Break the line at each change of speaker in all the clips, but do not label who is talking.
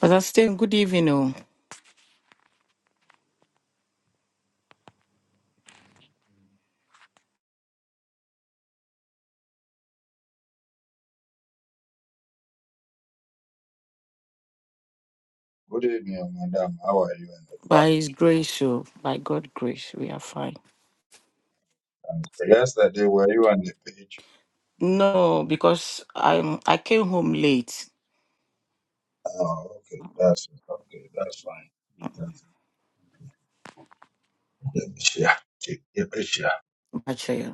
But I still good evening. oh.
Good evening, madam. How are you and the
By
family?
His grace, oh, by God's grace, we are fine.
Thank you. Yesterday, were you on the page?
No, because I I came home late,
Oh, okay. That's okay. That's fine. That's okay. Yeah, yeah, I
actually.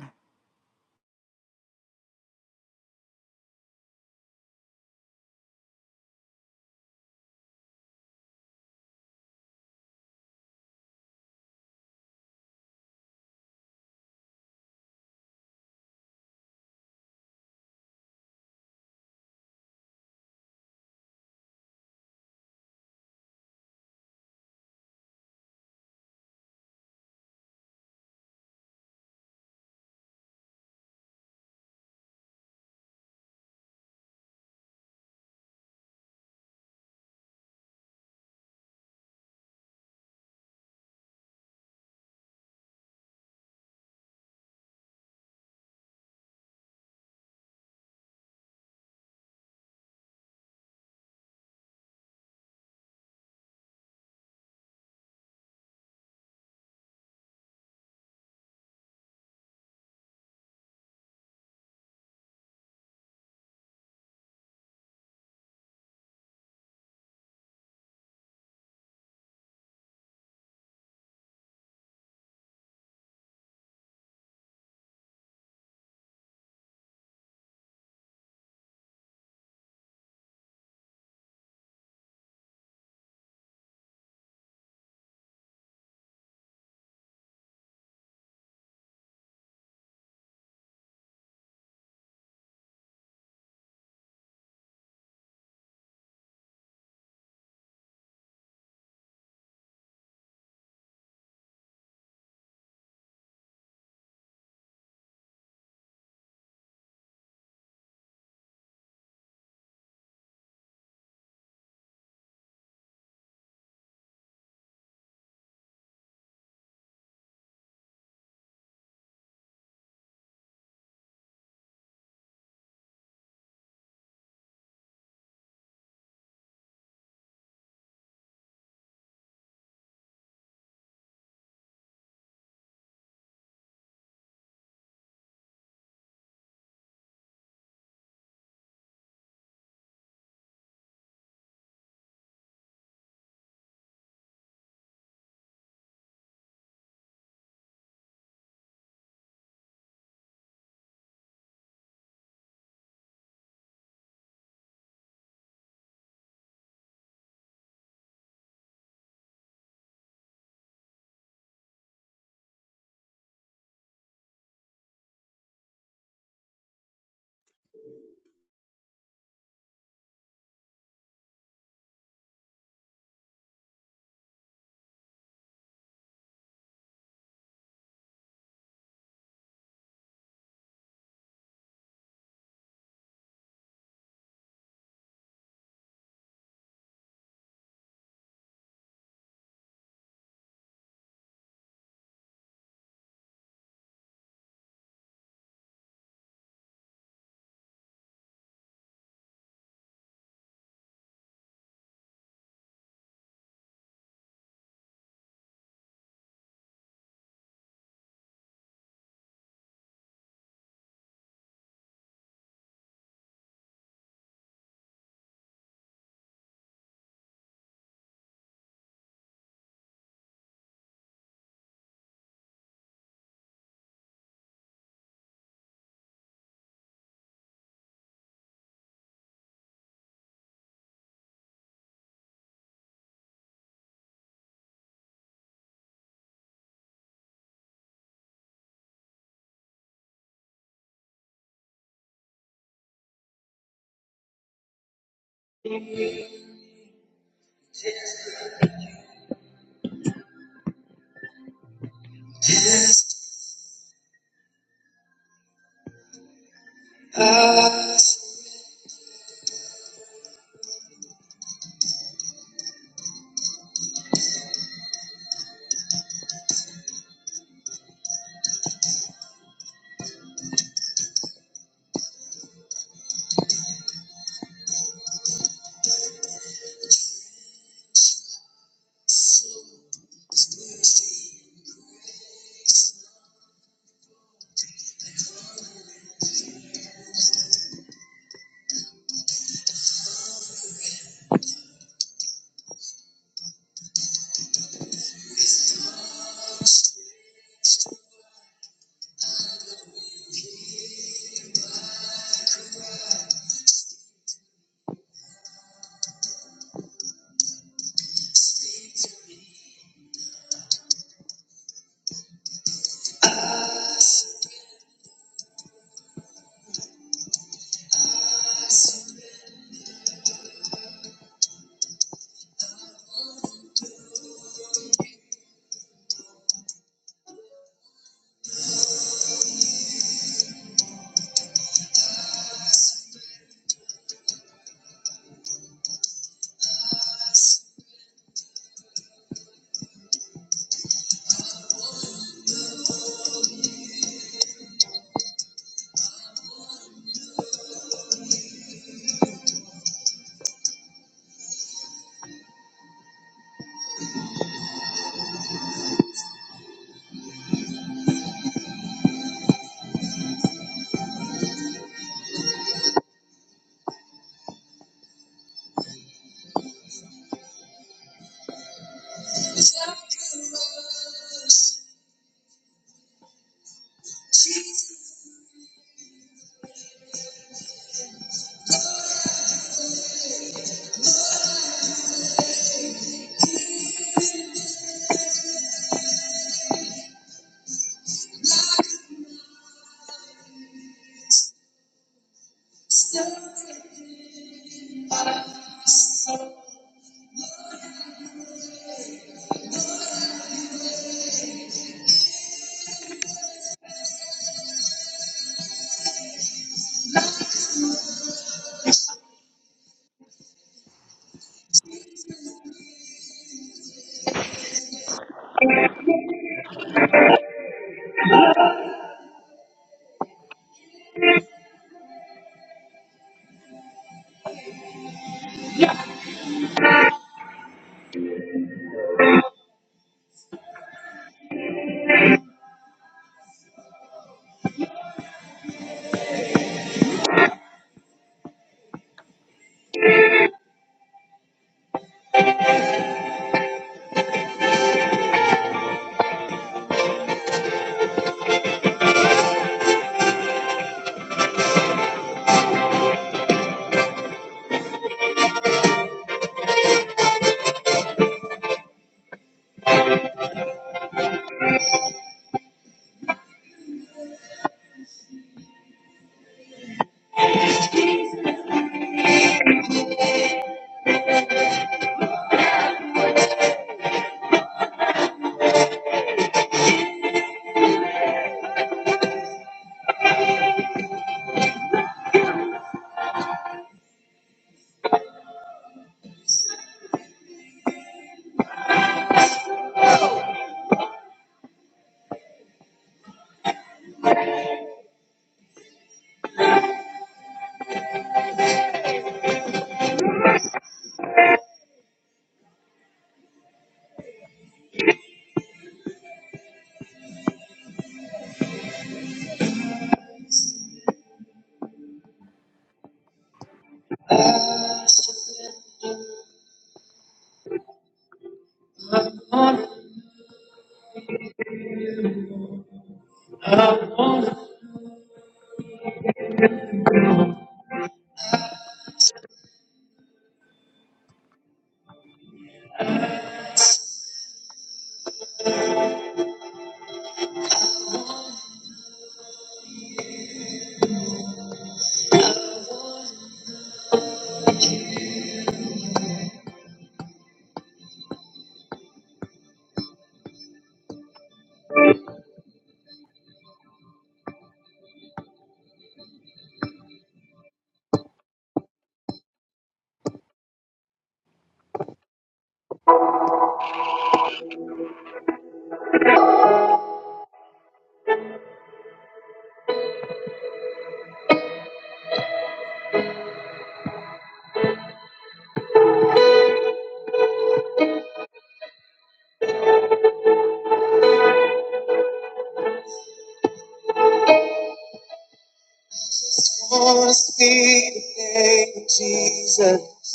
want to speak the name of Jesus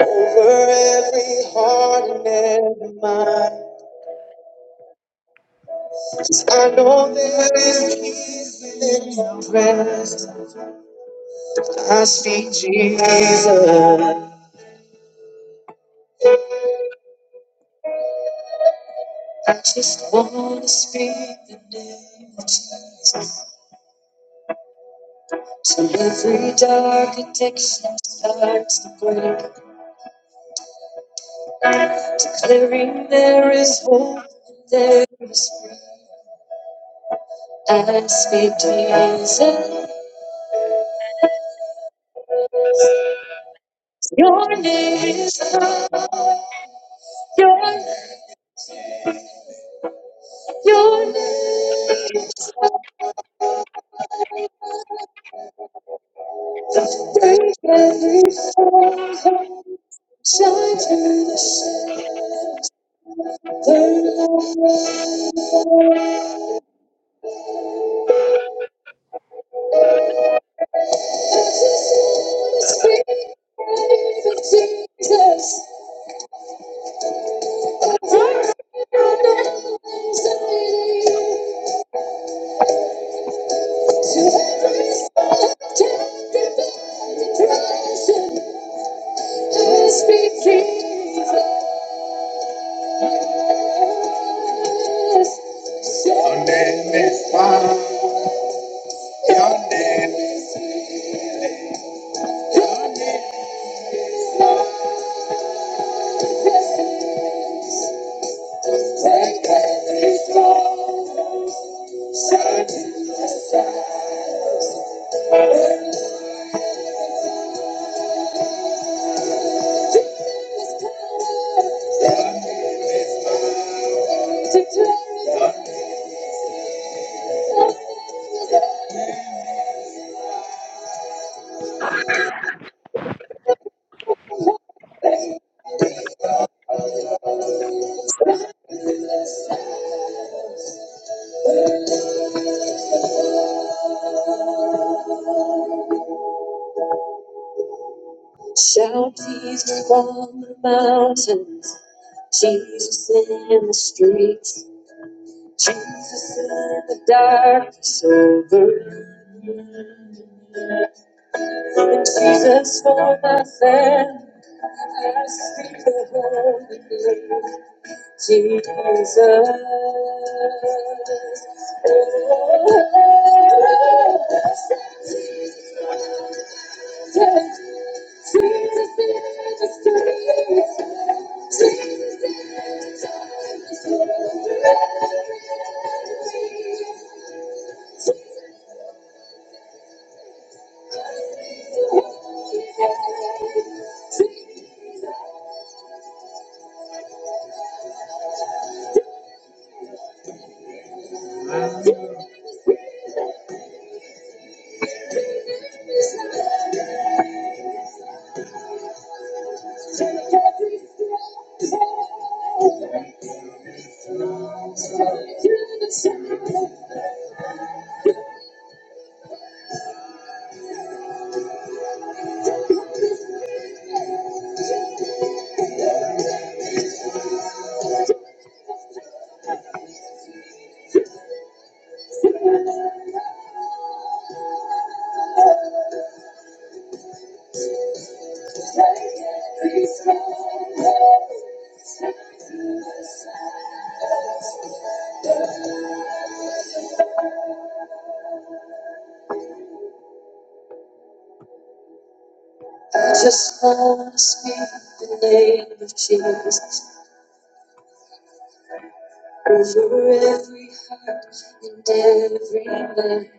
over every heart and every mind. I know there is peace within your presence. I speak Jesus. I just want to speak the name of Jesus. So every dark addiction starts to break, declaring there is hope and there is freedom. I speak Jesus, your name is love, your, your name is break every soul. Shine through the shadow. Speak for Jesus, Burn out our lives and believe. Declare it. Shout Jesus from the mountains, Jesus in the streets, Jesus in the darkness over me. And Jesus for my family, I speak the holy name, Jesus. Oh, Jesus in the streets, Jesus in the I just want to speak the name of Jesus over every heart and every mind.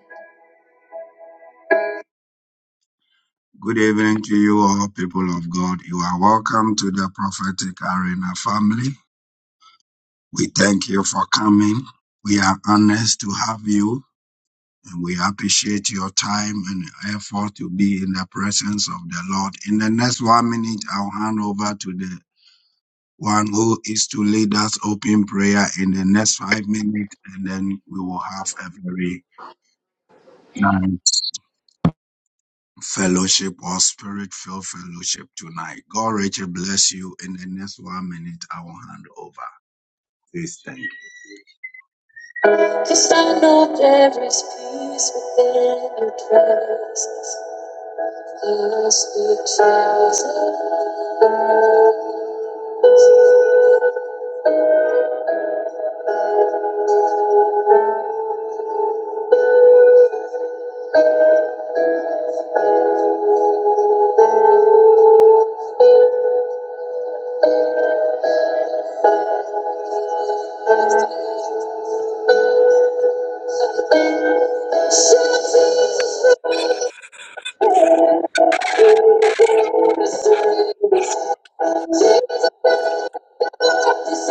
Good evening to you all, people of God. You are welcome to the Prophetic Arena family. We thank you for coming. We are honored to have you and we appreciate your time and effort to be in the presence of the Lord. In the next one minute, I'll hand over to the One who is to lead us open prayer in the next five minutes, and then we will have a very nice fellowship or spirit filled fellowship tonight. God, Richard, bless you. In the next one minute, I will hand over. Please, thank you. Yes, I know there is peace within your presence. Yes, it is. Shelter is Yes, it is. Yes, it is.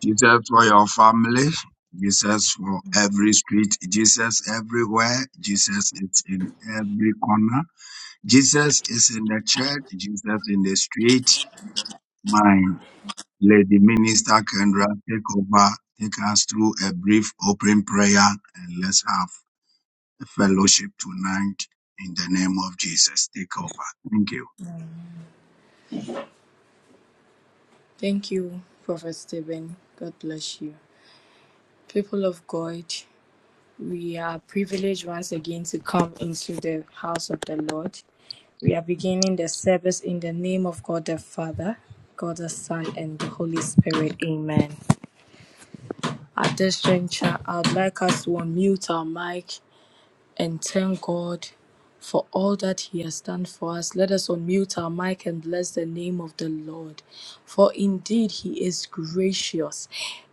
Jesus for your family, Jesus for every street, Jesus everywhere, Jesus is in every corner, Jesus is in the church, Jesus in the street. My Lady Minister Kendra, take over, take us through a brief opening prayer, and let's have a fellowship tonight in the name of Jesus. Take over. Thank you.
Thank you, Prophet Stephen. God bless you. People of God, we are privileged once again to come into the house of the Lord. We are beginning the service in the name of God the Father, God the Son, and the Holy Spirit. Amen. At this juncture, I'd like us to unmute our mic and thank God for all that He has done for us. Let us unmute our mic and bless the name of the Lord, for indeed He is gracious.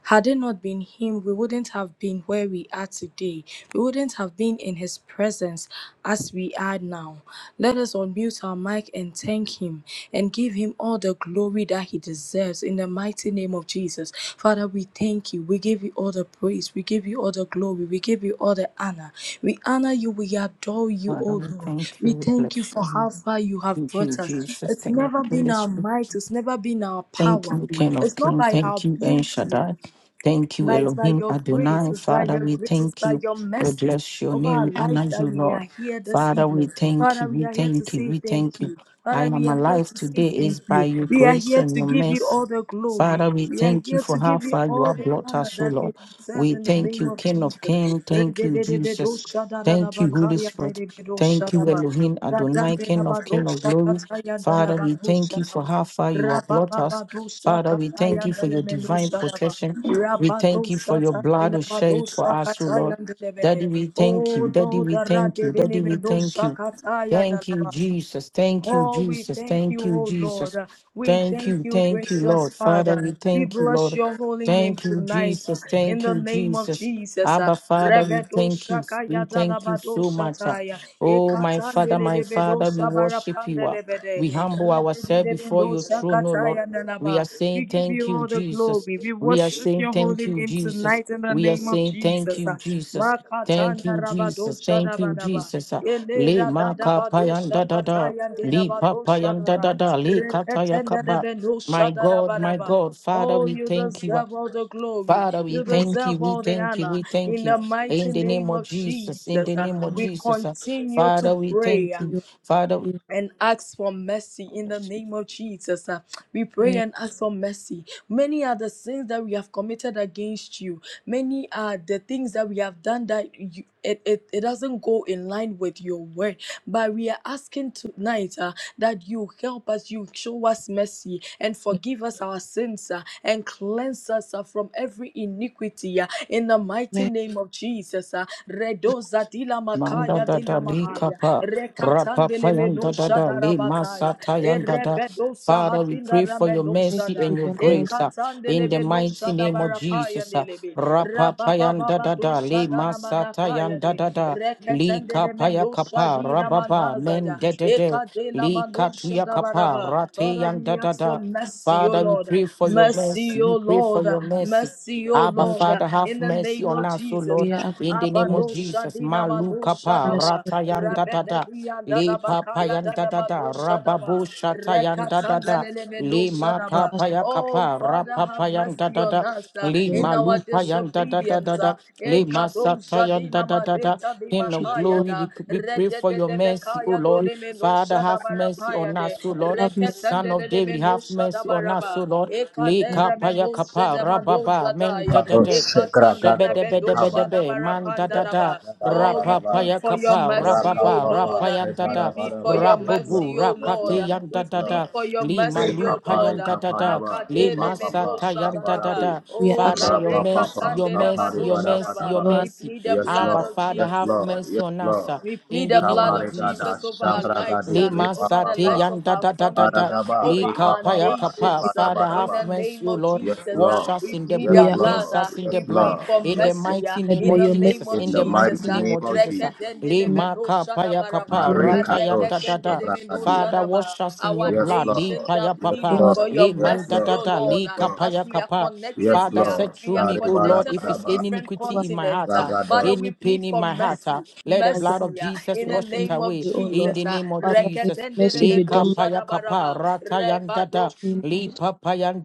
Had it not been Him, we wouldn't have been where we are today. We wouldn't have been in His presence as we are now. Let us unmute our mic and thank Him him and give him all the glory that he deserves in the mighty name of Jesus. Father, we thank you. We give you all the praise. We give you all the glory. We give you all the honor. We honor you. We adore you,
Father,
O
we
Lord.
thank you,
We
we
thank
bless
you for
you.
how far you have
Thank you,
brought us.
Jesus.
It's
Thank
never been our
you.
might, it's never been our
Thank
power.
you, King of
It's not
Kings.
by our
Thank you, El
beauty.
Shaddai. Thank you,
But it's by
Elohim
your grace,
Adonai.
it's by
Father,
your
we
grace, it's
thank
by
you.
your
We
mercies
bless your
over
name.
our
We
lives
honor you,
that we
Lord.
are here this
Father, we
evening.
thank
Father,
you.
we
We
are here to
thank you.
say
We
thank
thank you.
you.
I
Father,
am
we are here
alive
to
today
say thank
is by
you.
your
We are
grace
here
and
to
your
give you
mercy.
all the glory.
Father, we
We are
thank you
here to
for how
give you
far you
all
have
the
brought
honor
us, O
that you
Lord.
deserve
We
in the
thank
name
you,
of
King of
Jesus.
Kings. Thank you, Jesus. Thank you, Holy Spirit. Thank you,
Re-de-de-de-be-do-sha-da-da-da-ba-ka-ya-de-de-be-do-sha-da-ba.
Elohim Adonai,
Radandela
King of King of
Badusha
Glory.
Kataya de la
Father, we thank
Badusha
you for
Raba.
how far you have brought us.
Rababadusha
Father, we
Kataya
thank you
de
for
la
your divine
Menusha Raba.
protection. We thank you
Rabadusha
for your blood
Tandela
who shed for
Badusha
us, O
Kataya
Lord.
de
Daddy,
Lebehe.
we thank
Oh,
you. Daddy,
do
we
the
thank
rade
you.
de
Daddy, we
lebe do
thank you.
shakataya ba.
Thank you, Jesus. Thank you,
Oh, we
Jesus.
thank
Thank
you,
you,
oh Lord.
Jesus.
We
Thank
thank
you,
you,
thank you, Lord.
gracious
Father,
Father.
we
We
thank you,
bless
Lord.
your holy name
Thank you,
tonight
Jesus.
in
Thank
the
you,
name of
Jesus.
Jesus.
Abba, Father, we
Rebedo
thank you.
shakaya
We thank you
dalabado
so much. ah.
shataya.
Oh, my Father,
Ekatandele
my
lebedo
Father, we worship you. ah.
shabarapandelebede.
We humble ourselves before
Rebedebedo
your throne, O Lord.
shakataya
We
nalaba.
are
We
saying
give
thank
you
you,
all the
Jesus.
glory. We
We are
worship
saying
your
thank
holy
you,
name
Jesus.
tonight in the
We are
name of
saying thank
Jesus.
you, Jesus. Thank
Makatanda
you,
rabado
Jesus. Thank you,
shadabadaba.
Jesus. Ah, Le
Elera da da
makapayan
badosha
da da da.
kataya ndina
Le
badosha
papayanda da da.
dara.
da. Le kataya
Reketenda de
kaba. My
benosha dara
God, my
baraba.
God, Father,
Oh,
we
you
thank you. Ah,
deserve all the glory.
Father, we
You
because
thank you.
deserve
We
all the
thank you.
honor.
We thank
In the
you.
mighty
In the name
name
of
of
Jesus. In
Jesus,
the
uh,
name of
we
Jesus. ah,
continue to
Father, we
pray.
thank
uh,
you
you.
are the
Father.
human,
and ask for mercy in the name of Jesus. Uh, we pray
a
and ask for mercy. Many are the sins that we have committed against you. Many are the things that we have done that you, it, it, it doesn't go in line with your word. But we are asking tonight uh, that you help us, you show us mercy and forgive us our sins uh, and cleanse us uh, from every iniquity uh, in the mighty
human
name of Jesus. uh, redoza dila
Manda
makaya
da da
dila
li
mahaya
kapa,
rekatandele
rapapayanda da
menosha
da li
darabakaya
masatayanda da.
erebedosa
Father, we
hatinda
pray for your
needs to
ramenosha
mercy
da
be
and your
dominant
grace uh,
ekatandele
in the
Yeah.
in
mighty
benosha da
name of
barapaya
Jesus. Uh,
delebe
rapapayanda
rabababa
da da li
dosha daramanakaya
masatayanda
de
da da li
reketendele
kapaya
menosha
kapa rababa
diramanaza
men
da
de de de
ekadela
li
manosha
katuya
da
kapa
baraba Father, we
rateyanda da
ask for
da.
mercy, O
Father, we
Lord.
pray for your mercy.
Mercy, O
We
Lord.
pray for
Lord. uh,
your mercy.
Mercy, O
the mighty
Abba,
name of
Lord.
Jesus.
uh,
Father, have
In the
mercy
name
on
of
us, O
Jesus.
We
Lord,
uh,
pray
in the
for
name of
Abado
mercy,
Jesus.
Shadina Malo
Maluka
O
pa
Lord
Shadaba.
Jesus.
ratayanda da da.
Rabededia
Li
Dadabakaya
papayan da da
Dadaba no
da, rababu
Shadaba.
shata da da da,
Rekatandeleme no
li ma
Abba,
Shadaba.
Father,
papa ya
we are asking
Oh,
kapa,
Father,
rapapa
have
for mercy.
yanda
mercy
da
on
da,
us uh,
li
Lord.
in our
malupa da da da da
disobedience.
da,
uh,
Show us mercy and forgive us our sins,
li
Holy Spirit. Show us mercy forgive us our sins. and Show us mercy. Show
Ekado
masata da
Shadina
da da da.
Mareka di
us
King
mercy,
of
Makaya
glory,
Lord.
da.
we, we pray for your mercy, O
Regedebekaya
In the mighty
Lord.
name of Jesus, in the mighty name
doleme no
of Jesus, Father, show us
Father,
mercy. We pray for mercy.
have mercy on
Shadabarapayande.
us, O
We are
Lord. Son of David,
Reketandeleme no
have mercy on us, O
Shadabaraba.
Lord. Li kapaya ya kapa, rababa, men da da
Karo
da.
shekra kato lekabara
Shebedebedebedebe,
kato shebara
mandadada,
bada
Oh, we
bada ba
plead
rapapaya
for your
kapa,
mercy,
raka
O
rababa,
papa
Lord. We
kebara
rapayandada,
plead
bada
for
ba
your
yes lord
rabubu,
mercy, O
yes
Lord.
rakati
lord
yan da
We
yes
da
lord
plead
da
accepting.
for your
lima
mercy, O
rekapare
Lord.
lupayan da da
kapada
da
ba repa
Akadere
lima
papa
menosha
satayan da
kabara
da
daraba.
be
da
We are
Oh,
Father,
la
accepting.
your
rapa
mercy,
papa
your
We
rekatande
mercy,
kapare
your
rabadosha
bada
mercy,
bada
daba.
your
ba
We
mercy.
plead the
yes
blood
Abba,
lord
of
Father,
yes
have
Jesus.
lord
mercy
yes
on us
lord
uh,
We
in
plead
the
the
name
blood
of
kabare
of
Jesus.
gada
Jesus over our
shabra
lives,
gadi
uh,
Lima
repa
over the
papa
sati
lives
pa
of
yanda
our
da da da
families,
da
uh,
Aragaba,
over
lika
Ripa
our
paya
Baba,
kapa.
Ripa
nations. uh,
Father,
in
have
the
Rabadaba,
mercy,
name
O
of
Lord.
Yes,
Jesus, uh,
Wash
Lord.
us
we
in the
plead the
Yes,
blood,
are
blood.
cleanse
Lord.
uh,
us in the
Yes,
we
accepting.
blood,
plead
Lord.
for
in
Yes,
the
Lord.
mercy. uh,
mighty name
in
We
of
the
are
name
Jesus.
of
In
In
the
the mighty
Jesus,
mighty
uh,
name
name
of
of
Jesus. ah.
Jesus.
Rekedendelebe
Lima
no
kapaya
shadabaraba,
kapa
Marie
uh,
rata yanda
Kadosh
da da.
reketendeleme no
Abrakadi.
Father,
shadaba.
wash us in your
our
Yes,
blood.
nations
Lord.
Lipa ya
are
Yes,
papa,
pleading for
Lord.
your
Yes,
liman da
mercy,
da
Lord.
O
da,
Yes,
Lord, uh,
lika
Lord.
as
paya
we are
kapa.
connected
Yes,
Father,
here
Lord.
set
we
through
are
me,
Kari
O
bara
Lord,
connected
if
bara
from
it's
ba.
any
different
iniquity in my
continents.
heart,
accepting.
uh,
ah,
Father,
Ragadosh.
we
any
plead
pain in
for
my heart, ah,
mercy,
let the
against
blood of
mercy uh,
Jesus
in
you
the
on
wash it
your
name of
away.
glory, O Lord.
Jesus. uh,
Father, may the
Jesus.
mercy be
Lika
done in
paya kapa
Reketenderebedoshadabaraba,
ratayanda
rebadoshinite
da
the name of Jesus.
lipa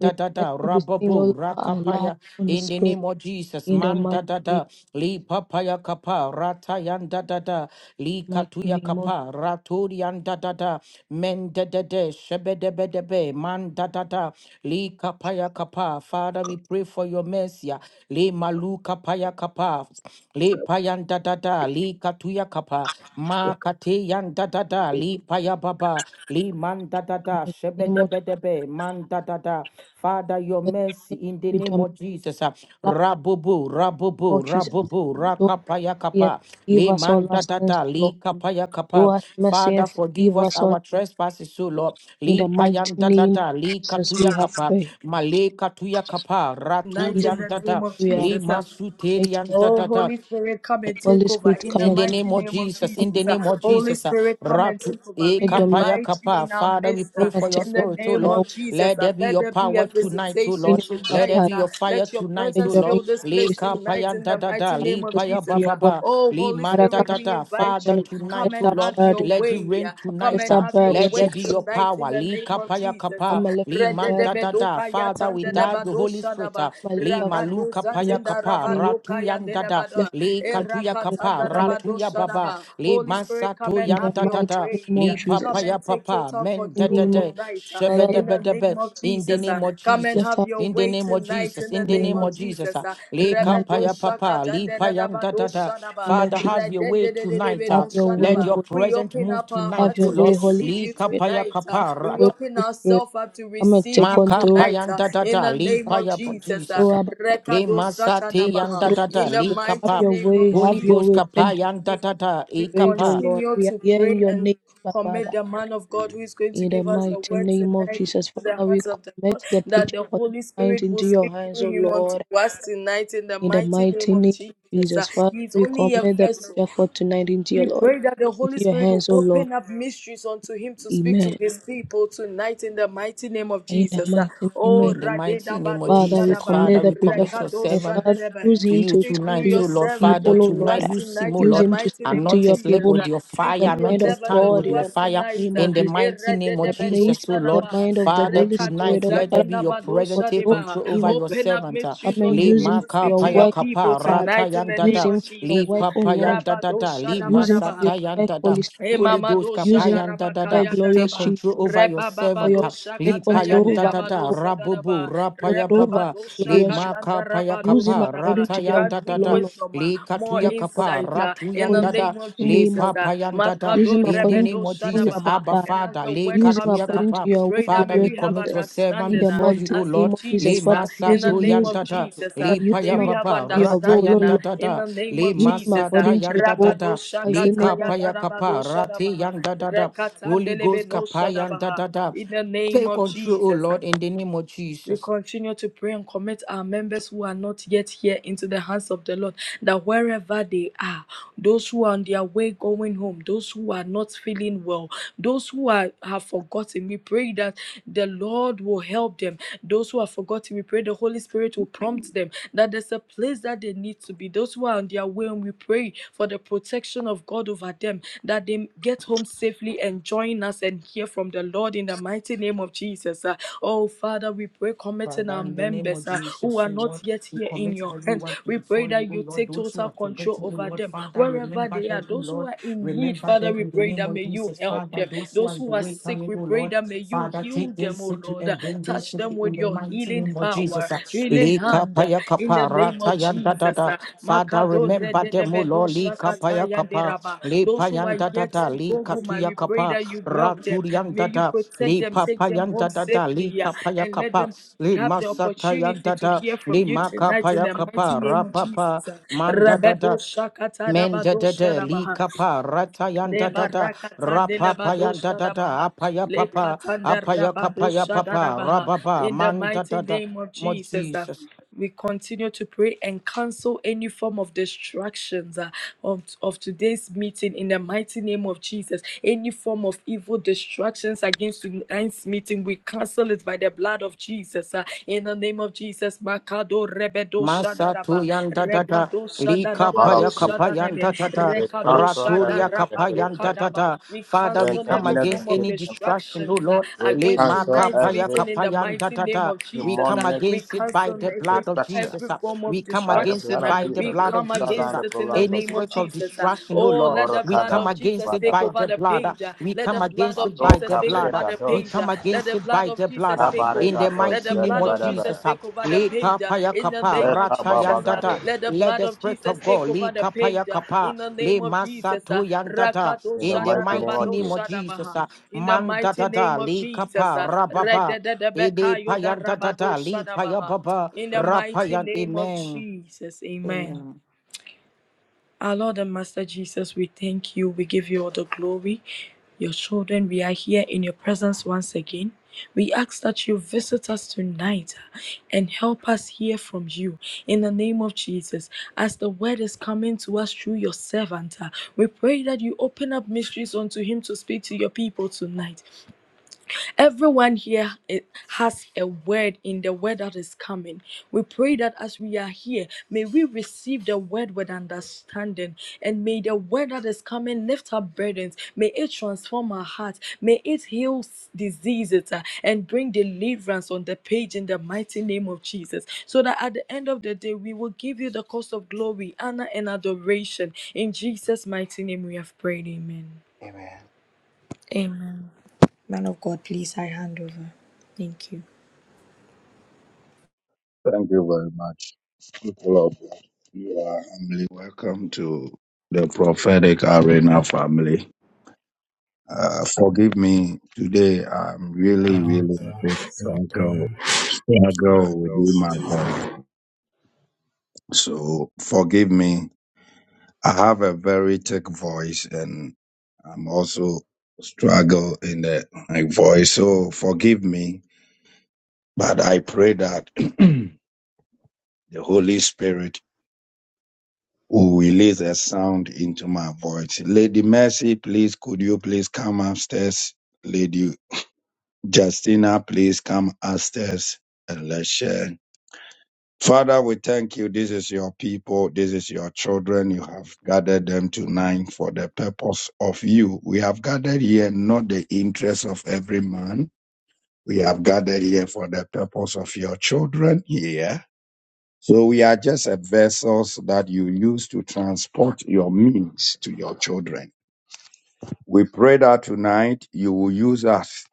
May the
da da
mercy be seen all
rababu
over our lives,
rakapaya.
Holy
In the
Spirit,
name of Jesus,
in the
man da
mighty
da
name of
da, li
Jesus.
papaya kapa, ratayan da da da,
In
li
the mighty
katuya
name of Jesus.
kapa, raturian da da da, men da da da, shebe de be de be, man da da da, li kapaya kapa. Father, we pray for your mercy, li malu kapaya kapa, li payan da da da, li katuya kapa, ma kateyan da da da, li paya baba, li man da da da,
In
shebe
the mighty name
de
of Jesus.
be de be, man da da da. Father, your
Father, show us mercy. May the
mercy
mercy
in the
be
name
dominant
of Jesus.
over our lives, in the
Rabubu,
name
rabubu,
of Jesus.
rabubu,
Show us
rakapaya kapa,
mercy and forgive
le
us all our
manda
sins,
dada,
O Lord.
li kapaya
Show
kapa.
us mercy
Father,
and
forgive
forgive
us
us
our
all.
trespasses, O Lord.
In
Li
the mighty
payanda
name of
dada, li
Jesus, we have
kakapa,
prayed.
male katuya
In
kaparatan
Jesus,
the name
dada,
of
we have
li
prayed.
Jesus. uh,
Almighty.
masuterian
Oh,
dada,
Holy Spirit, come and
Holy
take over
Spirit,
in the
come
in the
and take
mighty
name of
control.
name of
Jesus,
Come
in
and
the
Jesus. Uh,
name of
Holy
Jesus, uh,
Spirit, come and
Ratu
take over.
e
take
We
dominion. Take dominion.
kapaya
invite you
kapa.
in our
Father, we
midst
Come
uh,
pray
and
for your
take
in the
spirit, oh
name
dominion.
Lord.
of
over.
Jesus.
Let
Uh,
there be
let
your
there be a
power
Come and
tonight, oh
take
visitation
Lord.
dominion, Abba
Let
tonight.
there be
Father.
Uh,
your fire
let your
tonight,
Take
oh
presence
Lord.
fill
dominion,
this
Le
Holy
place
Spirit.
tonight
kapaya
in
da
the
da da,
mighty
Come
le
name of
listen
paya
to
ba
Jesus.
your
ba
Uh,
word.
ba,
oh,
le
Holy
man
Father,
da
come
Spirit,
da
and
we
da.
take
invite
Father,
dominion.
you.
Come and
Come
lift
tonight, oh
and
our
Lord,
have your
burden.
let it
way. Uh,
rain
Come and
Come
tonight.
lift
and
our
uh,
have your
Let
burdens.
there
way
And
be your
tonight in
power.
the
Le
name of
kapaya
Jesus.
kapa,
come and lift
le man
our burden.
da da da.
Rededebedoka
Father,
in the name of- Come
without the
yatandelebado
Holy Spirit,
shadaba.
uh,
and
le
lift our burdens
malu
Rabado
in the
kapaya
zatenda
kapa,
mighty name of
rabado
ratu yan da da,
kayandelebado.
lift
le
our burdens,
katuya kapa
Holy Spirit. Lift
Erakatandarabado
ratuya baba,
shadaba.
li
Holy Spirit, come
masato
in
and
the
have
yanta
your
mighty
tata,
name
way.
of
li papa
Come
Jesus.
ya
and take
papa,
total
men
In the
control
name of
tete,
tonight uh,
Father,
in
lift,
the
shebedebedebe,
name of
in the
Jesus. uh.
name of
Come and
Jesus.
lift
have
our
your way
In the
away
name of
tonight
Jesus,
in the
in
in
the
the
name
name
name
of
of
of Jesus,
Jesus.
ah.
Uh,
in
Le
the mighty
Rebedo
kapaya papa, li payanta
shakatandedadabado
tata.
shadaba.
name of
Father,
Jesus.
have your way tonight.
Have
ah.
Redendedededebeno
your way,
Let
shadaba.
your
Holy.
We
presence
open
move
up our
Have
tonight,
heart
your
oh
to
way,
Lord.
Holy
receive
Li
you
Spirit.
kapaya
tonight. uh,
Have
kapara.
We
your way,
open
Holy Spirit.
ourselves up to
Come and
receive
take
you
Maka
control.
tonight uh,
payanda da
in
da
the
li
name
Come
of
paya bo-
Jesus.
and
uh,
Jesus.
throw
ah.
Abba Father.
Le
Rekado
masate
Take
satanabaha.
yanda
control,
da da
In
Holy
the
li
Spirit. Have
mighty
kapa.
your
name of
way.
Holy
Have your
Ghost
way. Take the
kapayanda
Jesus.
da da
We
e
rage, O Lord.
continue
We are
to
here in
pray
your
and
name, Abba
commit
Father.
the man of God who is going to
In the
give us the
mighty
word
name of
tonight into
Jesus,
the
Father, we
hands of the Lord,
commit the
that
preacher
the
for
Holy
tonight
Spirit will
into your
speak
hands, O
through him unto
Lord.
us tonight in the
In the
mighty name
mighty
of
name of
Jesus. Uh,
Jesus, Father,
He is
we
only a
commit the
vessel.
preacher for tonight into your
We
Lord,
pray that the Holy
into your
Spirit will
hands, O Lord.
open up mysteries unto him to speak to
Amen.
his people tonight in the mighty name of
In the
Jesus. Uh,
mighty name of
Oh,
In the mighty name of
Radedabado
Father, we
Jesus,
Shadaba
commit
Father,
the
we
preacher
commit
for
your
Rekado
tonight.
servant
Father,
Sadedebe.
use
to
him
you
to
Speak
talk to
through
tonight,
your
your
oh Lord.
servant
Father,
people, O
unto
Lord.
tonight
us
you see, oh
tonight in
Use
the
Lord,
him to
mighty
speak
name
to
of
anoint
your
his
Jesus.
lip
Jesus.
people.
uh,
with your
Speak
May he speak
fire,
to
the
your
mind
anoint
of
his
servant
tongue
uh,
God
with
to
in
your
us
the mighty
fire.
tonight.
name
uh,
of
In the
Jesus.
mighty name of
Father, may he
Jesus, oh
speak the
Lord.
Erededebedoshadabaha,
mind of the
Father,
Holy Spirit, O
tonight
Lord.
let there
Father, come
be your
and take
presence. Take
control of
Rekatosatinabadoshadabaha.
control
him,
over
O
your
Lord.
Open up
servant. ah.
mysteries
Come and
unto
Le
use
him
him
to
for
maka
speak
your
to
paya
your
work,
people
kapa
Father.
rata
tonight in
yan
the
Use
name
dada.
him
of
for your
Jesus.
Le
work, O
papa yan
Lord.
dada da. Le
Use him for
Rabadoshadabadabaha.
your
masata yan
work,
dada.
Holy
E
Holy
Spirit.
Mama,
Ghost,
Emamado
Use him
kapayan
for
da da
your
da.
work,
Shadarabakaya
Take
glorious
Daraba.
Jesus.
control over your
Reba Baba,
For your
servant.
work,
ah.
dosa
take
Li
kataya
control
payan da
over him,
da
ndelaba
da.
O Lord
dosa
Rabubu,
daraba.
for
rapaya
through vine
papa.
Rebabado
Li
glorious Jesus.
Shakata Yandelabado Sadaraba.
maka
Rebabado
paya
Use
Shakatandarabado
him
kapa.
according
Shadaba.
to your
Ratayan
Grant
da da
will,
him
O
da.
Lord.
wisdom, ah,
Li
Use
more
katuya
him according
kapa.
insight
to
ah,
your
in
will
Ratuyan
the
da
in the
da.
name of
mighty
Li
name
Jesus.
of Jesus.
ah.
papayan da da.
Use him
Makado
In the
according to
Rebedo
name of
your will,
Jesus,
Abba
Shadabaha.
Abba
Father.
And as
Father,
the
li
word
Use him
katuya
comes, uh,
according to
kapa.
we
your will,
pray that
Father,
may
we
glorious
we have
commit
Jesus.
your servant
In
understanding
the
uh,
before you,
mighty
O
as He
name
Lord.
of Jesus,
Le
teaches uh,
Father,
masa
in
use
the
him,
to
name
use him,
of
yandada,
Jesus. Uh,
Father,
le
use
may
him
paya
we have
according
baba,
to your
rata
will, O
understanding uh,
Lord.
in
yandada,
the name
le
of
Use him
masa
Jesus. Uh,
according to your will, in
ta
the
Rabadosha
mighty name
Lika
of
kataya
Jesus.
paya kapa
darabadosha
rati
rabaha.
yanda dada. Holy
Rekatandelebe
Ghost
no
kapa yanda
shadabaha.
dada.
in the name
Take
of
control, O
Jesus. uh.
Lord, in the name of
We
Jesus.
continue to pray and commit our members who are not yet here into the hands of the Lord, that wherever they are, those who are on their way going home, those who are not feeling well, those who are, have forgotten, we pray that the Lord will help them. Those who are forgotten, we pray the Holy Spirit will prompt them that there's a place that they need to be. Those who are on their way, and we pray for the protection of God of God over them that they get home safely and join us and hear from the Lord in the mighty name of Jesus. Uh, oh, Father, we pray, committing
Father,
our
in the name of
members uh,
Jesus,
who are
O Lord,
not yet
we
here in
commit
your hands.
everyone
We pray
before you,
that
O
you
Lord.
take
Those who
total
are
control
forgetting, O
over
Lord,
them
Father,
wherever
remember
they are.
them, O
Those who
Lord.
are in need,
Remember
Father,
them
we
in the
pray
name
that
of
may you
Jesus,
help
Father.
them.
Those who are
Those
in the
who are
way
sick,
coming,
we
O
pray
Lord,
that may you
Father,
heal
take them
them, oh
safely
Lord. Uh,
and bring them
touch them
safely
with
in the
your your
mighty
healing
name of
power,
Jesus.
healing
Lika
hand uh,
paya
in the
kapa,
name of
rata yanda
Jesus.
dada.
uh,
Father,
Makadore
remember
de de
them, O
be lo
Lord. Lika
shakata
paya
yande
kapa.
raba.
Le
Those who are
payanta
yet
tata
to
li
go home, I
katuya
will pray
kapa
that you help them. May
raturianta
you
tata
protect
li
them, take them
papayanta
home
tata li
safely, uh,
kapaya
and let
kapa
them
li
have the
masata
opportunity
yanta
to
tata
hear from
li
you tonight in
makapaya
the mighty
kapa
name of
rapapa
Jesus.
manta
Rabedo
tata
shakata
menta
rabado
tata li
sharabaha.
kapa rata
Le
yanta tata
barakatande le
rapapa yanta
badosha da
tata
baha.
apaya
Le
papa
katande
apaya kapaya
rabadosha da da
papa
baha.
rapapa
In the
manta
mighty
tata
name of
mo
Jesus. uh,
Jesus
We continue to pray and cancel any form of distractions uh, of, of today's meeting in the mighty name of Jesus. Any form of evil distractions against tonight's meeting, we cancel it by the blood of Jesus. uh, in the name of of Jesus. Makado rebedo shadaraba.
manta tata
Rekado
li
Lord
shadarabado
of Jesus.
shadarebe.
tata
We
Rekado
cancel every
raturia
shadarabado
kapayanta
negativity.
kadaba.
tata.
We
Father,
And
we
cancel
come
every
every
against
form of
negative
any
impact.
distraction, oh
distractions uh,
Lord.
We
Le
against
cancel
tonight's
makapaya
every
meeting in the
kapayanta
mighty name
tata.
of
We
Jesus. uh.
come
demonic
we
against it by
cancel
the
every
blood of
destruction.
every
Jesus. ah.
form of
We come
By the
against
blood
distraction.
it
uh.
of
by the
we
Jesus, we
blood of
come
shut
Jesus.
down the
against
ah.
it in the
programs
Any
of
name of
spirit
Satan.
of
Jesus. uh.
distraction, oh
oh,
Lord,
let the
we
blood
Orokada
come
of Jesus
against
Jesus
it
take
by
Badaba.
over
the
the
blood. ah.
page. uh,
We
Let the
come
blood
against
of
it by
Mado
Jesus
the
take
Cabre
blood.
over
ah.
the
We
page.
Gadosh.
uh,
come
Let
against
the
it
blood
by
of
the blood.
Jesus
ah.
take
Habare
In
over.
the
Let
Gadosh
mighty
the
name
blood
of
of Jesus
Jesus.
Yadabadaba.
ah.
take over the
Le
page. uh,
kapaya
In the
kapa
name of
Leka
Jesus.
Baba
ratayan
uh,
tata.
Gadesh.
Let the
Let
blood
the
of
Spirit of
Jesus take
God
over
Li
the
kapaya
page. uh,
kapa,
In the
le
name of Jesus. uh,
masatu yandada,
Rakado
In the
in the
mighty name
mighty
of
Shadarabado
name of
Jesus.
Jesus.
Shadabaha.
ah,
In the mighty name
Mandadada,
of
li
Jesus.
kapa,
uh,
rababa, ili
Redededebekayo Darabado
payandadada, li
Shadabaha.
payababa,
In the mighty
rapayan.
name of
Amen.
Jesus. Amen.
Amen.
Our Lord and Master Jesus, we thank you. We give you all the glory. Your children, we are here in your presence once again. We ask that you visit us tonight and help us hear from you in the name of Jesus. As the word is coming to us through your servant, uh, we pray that you open up mysteries unto him to speak to your people tonight. Everyone here eh, has a word in the word that is coming. We pray that as we are here, may we receive the word with understanding. And may the word that is coming lift up burdens. May it transform our hearts. May it heal s- diseases uh, and bring deliverance on the page in the mighty name of Jesus. So that at the end of the day, we will give you the cost of glory, honor, and adoration. In Jesus' mighty name, we have prayed. Amen.
Amen.
Amen. Man of God, please, I hand over. Thank you.
Thank you very much. People of God, you are humbly welcome to the prophetic arena family. Uh, forgive me today. I'm really,
Alright,
really a
so,
bit
so, uh,
struggle,
Let's
struggle with my voice. So forgive me I have a very thick voice and I'm also struggle in the my voice. So forgive me, but I pray that the Holy Spirit will release a sound into my voice. Lady Mercy, please could you please come upstairs? Lady Justina, please come upstairs and let's share. Father, we thank you. This is your people. This is your children. You have gathered them tonight for the purpose of you. We have gathered here not the interest of every man. We have gathered here for the purpose of your children here. So we are just a vessels that you use to transport your means to your children. We pray that tonight you will use us.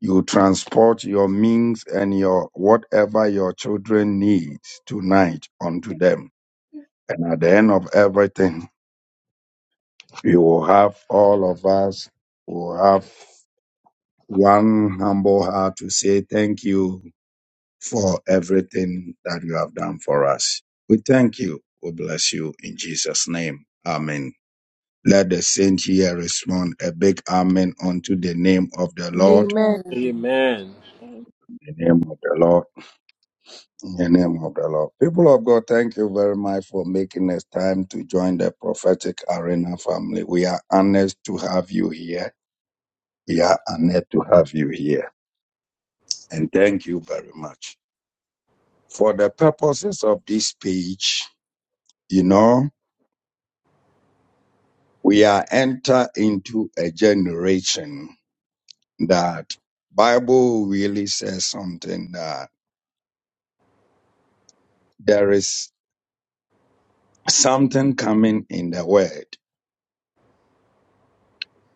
You transport your means and your whatever your children need tonight unto them. And at the end of everything, we will have all of us will have one humble heart to say thank you for everything that you have done for us. We thank you. We bless you in Jesus' name. Amen. Let the saint here respond a big amen unto the name of the Lord.
Amen.
Amen.
Amen.
In The name of the Lord. In The name of the Lord. People of God, thank you very much for making us time to join the prophetic arena family. We are honored to have you here Yeah, honored to have you here. And thank you very much. For the purposes of this page, you know, we are enter into a generation that Bible really says something that there is something coming in the word.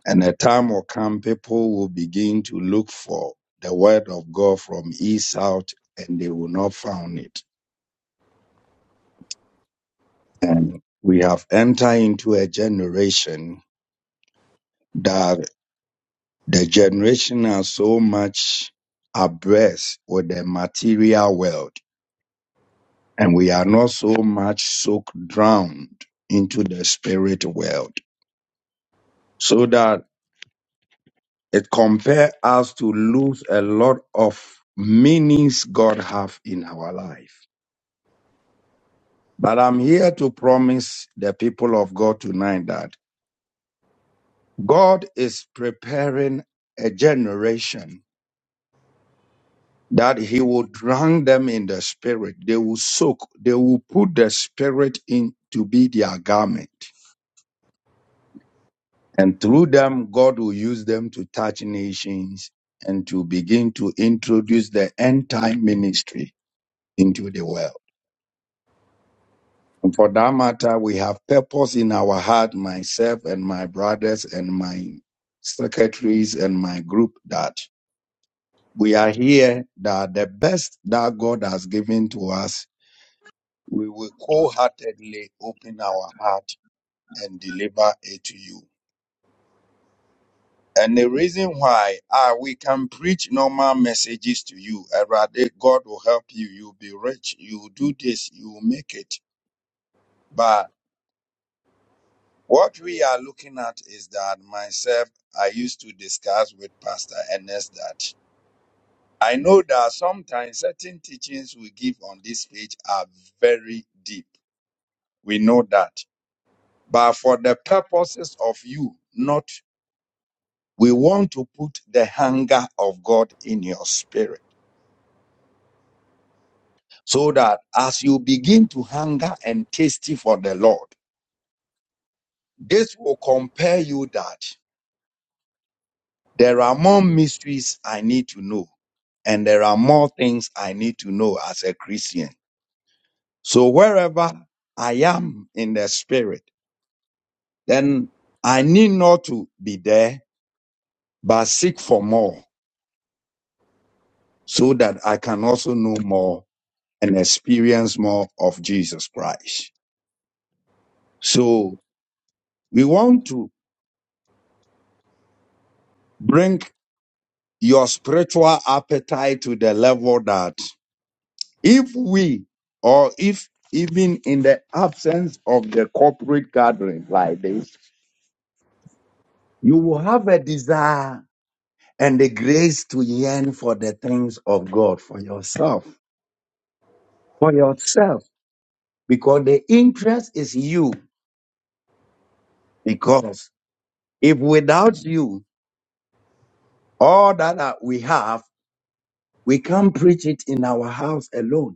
And a time will come people will begin to look for the word of God from east, south, and they will not find it. And we have entered into a generation that. The generation are so much abreast with the material world, and we are not so much soaked drowned into the spirit world, so that it compels us to lose a lot of meanings God have in our life. But I'm here to promise the people of God tonight that God is preparing a generation that he will drown them in the spirit. They will soak, they will put the spirit in to be their garment. And through them, God will use them to touch nations and to begin to introduce the end time ministry into the world. And for that matter, we have purpose in our heart, myself and my brothers and my secretaries and my group that we are here that the best that God has given to us We will wholeheartedly open our heart and deliver it to you. And the reason why ah, we can preach normal messages to you, and rather God will help you. You'll be rich. You'll do this. You'll make it. But what we are looking at is that myself, I used to discuss with Pastor Ernest that I know that sometimes certain teachings we give on this page are very deep. We know that. But for the purposes of you not We want to put the hunger of God in your spirit so that as you begin to hunger and thirsty for the Lord, this will compel you that there are more mysteries I need to know and there are more things I need to know as a Christian. So wherever I am in the spirit, then I need not to be there, but seek for more so that I can also know more and experience more of Jesus Christ. So we want to bring your spiritual appetite to the level that if we or if even in the absence of the corporate gathering like this, you will have a desire and the grace to yearn for the things of God for yourself, for yourself, because the interest is you. Because if without you, all that uh, we have, we can't preach it in our house alone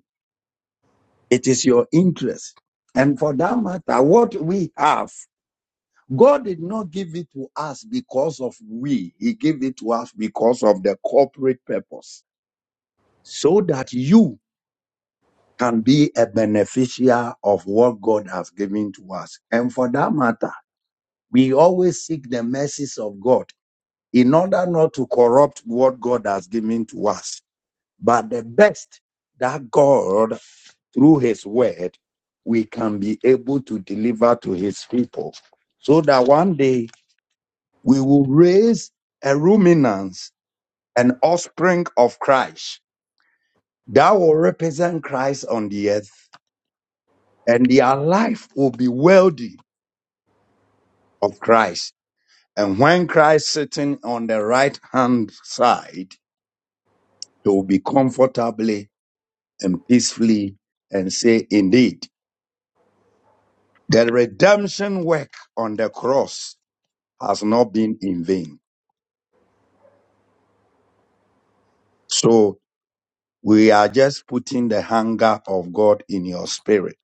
It is your interest. And for that matter, what we have, God did not give it to us because of we. He gave it to us because of the corporate purpose so that you can be a beneficiary of what God has given to us. And for that matter, we always seek the mercies of God in order not to corrupt what God has given to us. But the best that God through his word, we can be able to deliver to his people so that one day we will raise a ruminants, an offspring of Christ that will represent Christ on the earth and their life will be worthy of Christ. And when Christ sitting on the right hand side, he will be comfortably and peacefully and say, indeed, the redemption work on the cross has not been in vain. So we are just putting the hunger of God in your spirit.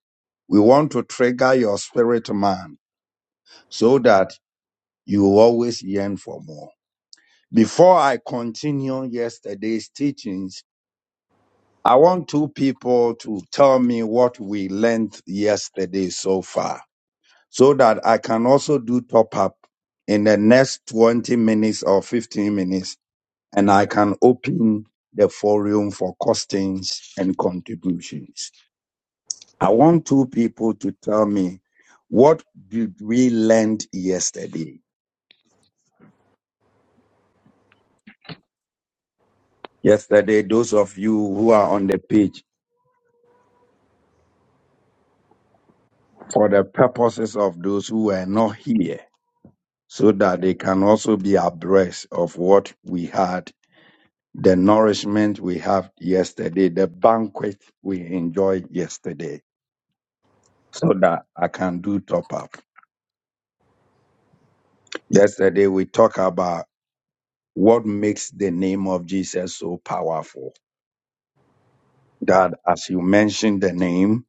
We want to trigger your spirit man so that you always yearn for more. Before I continue yesterday's teachings, I want two people to tell me what we learned yesterday so far so that I can also do top up in the next 20 minutes or 15 minutes and I can open the forum for questions and contributions. I want two people to tell me what did we learn yesterday? Yesterday, those of you who are on the page for the purposes of those who were not here, so that they can also be abreast of what we had, the nourishment we had yesterday, the banquet we enjoyed yesterday, so that I can do top up. Yesterday, we talked about what makes the name of Jesus so powerful. That as you mention the name,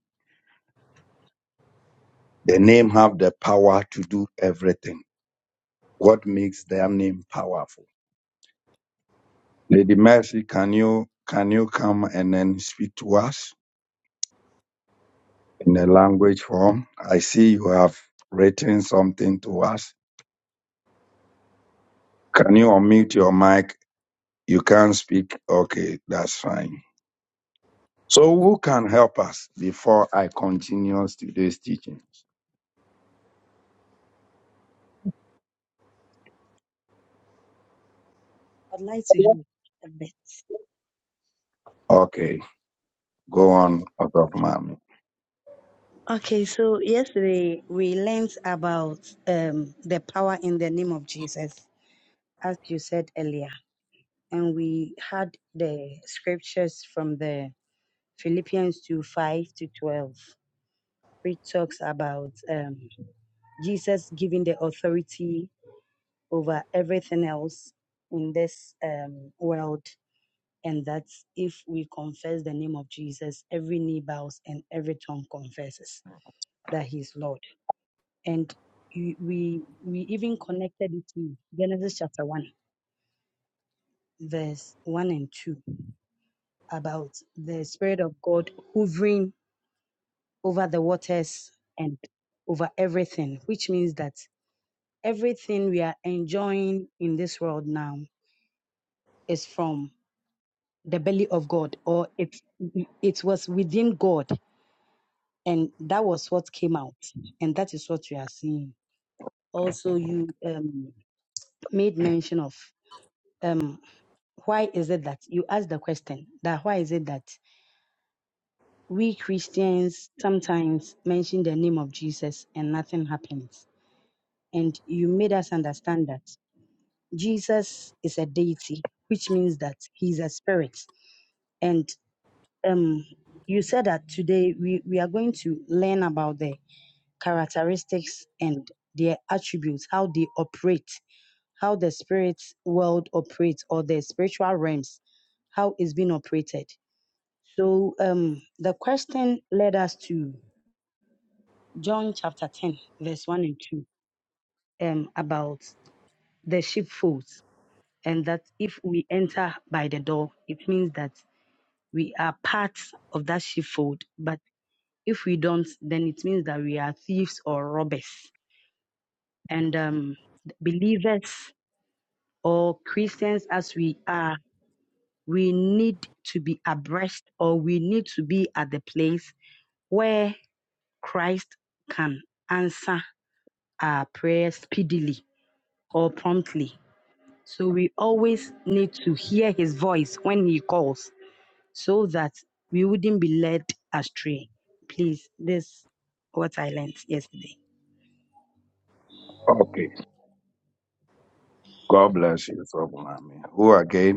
The name have the power to do everything. What makes their name powerful? Lady Mercy, can you can you come and then speak to us in a language form? I see you have written something to us. Can you unmute your mic? You can't speak. Okay, that's fine. So who can help us before I continue today's teaching?
I'd like to help a bit.
Okay, go on, Osofumami.
Okay, so yesterday we learned about um, the power in the name of Jesus, as you said earlier, and we had the scriptures from the Philippians 2 5 to 12, which talks about um, Jesus giving the authority over everything else in this um, world, and that if we confess the name of Jesus, every knee bows and every tongue confesses that he is Lord. and you- we we even connected it to Genesis chapter 1 verse 1 and 2 about the spirit of God hovering over the waters and over everything which means that everything we are enjoying in this world now is from the belly of God or it it was within God and that was what came out and that is what we are seeing also you um, made mention of um, why is it that you ask the question that why is it that we Christians sometimes mention the name of Jesus and nothing happens? And you made us understand that Jesus is a deity, which means that he's a spirit. And um, you said that today we, we are going to learn about the characteristics and their attributes, how they operate, how the spirit world operates or the spiritual realms, how it's been operated. So um, the question led us to John chapter 10, verse 1 and 2, um, about the sheepfold, and that if we enter by the door, it means that we are part of that sheepfold. But if we don't, then it means that we are thieves or robbers. And um, believers or Christians, as we are, we need to be abreast or we need to be at the place where Christ can answer our prayer speedily or promptly. So we always need to hear his voice when he calls so that we wouldn't be led astray. Please, this is what I learned yesterday.
Okay, God bless you, Osofumami. Who again?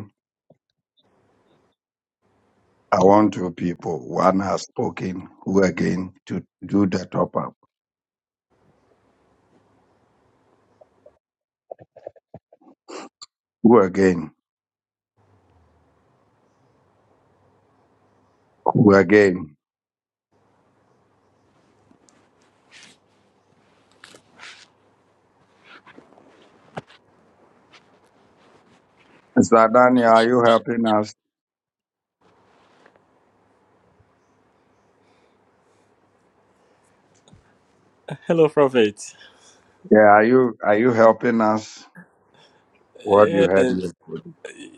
I want you people, one has spoken, who again to do the top up? Who again? Who again? Mr. Daniel, are you helping us?
Hello, Prophet.
Yeah, are you are you helping us? What you had
Yes,
yesterday?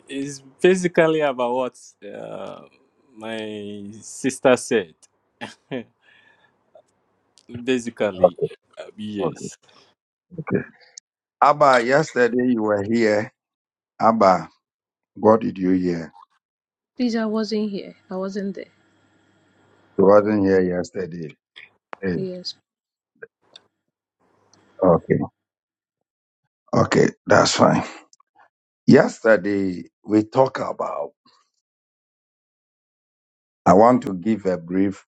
it's basically about what uh, my sister said. basically,
Okay, okay,
yes.
okay. Abba, yesterday you were here. Abba, what did you hear?
Please, I wasn't here. I wasn't there.
You wasn't here yesterday. Hey,
Yes.
okay, okay, that's fine. Yesterday we talk about. I want to give a brief.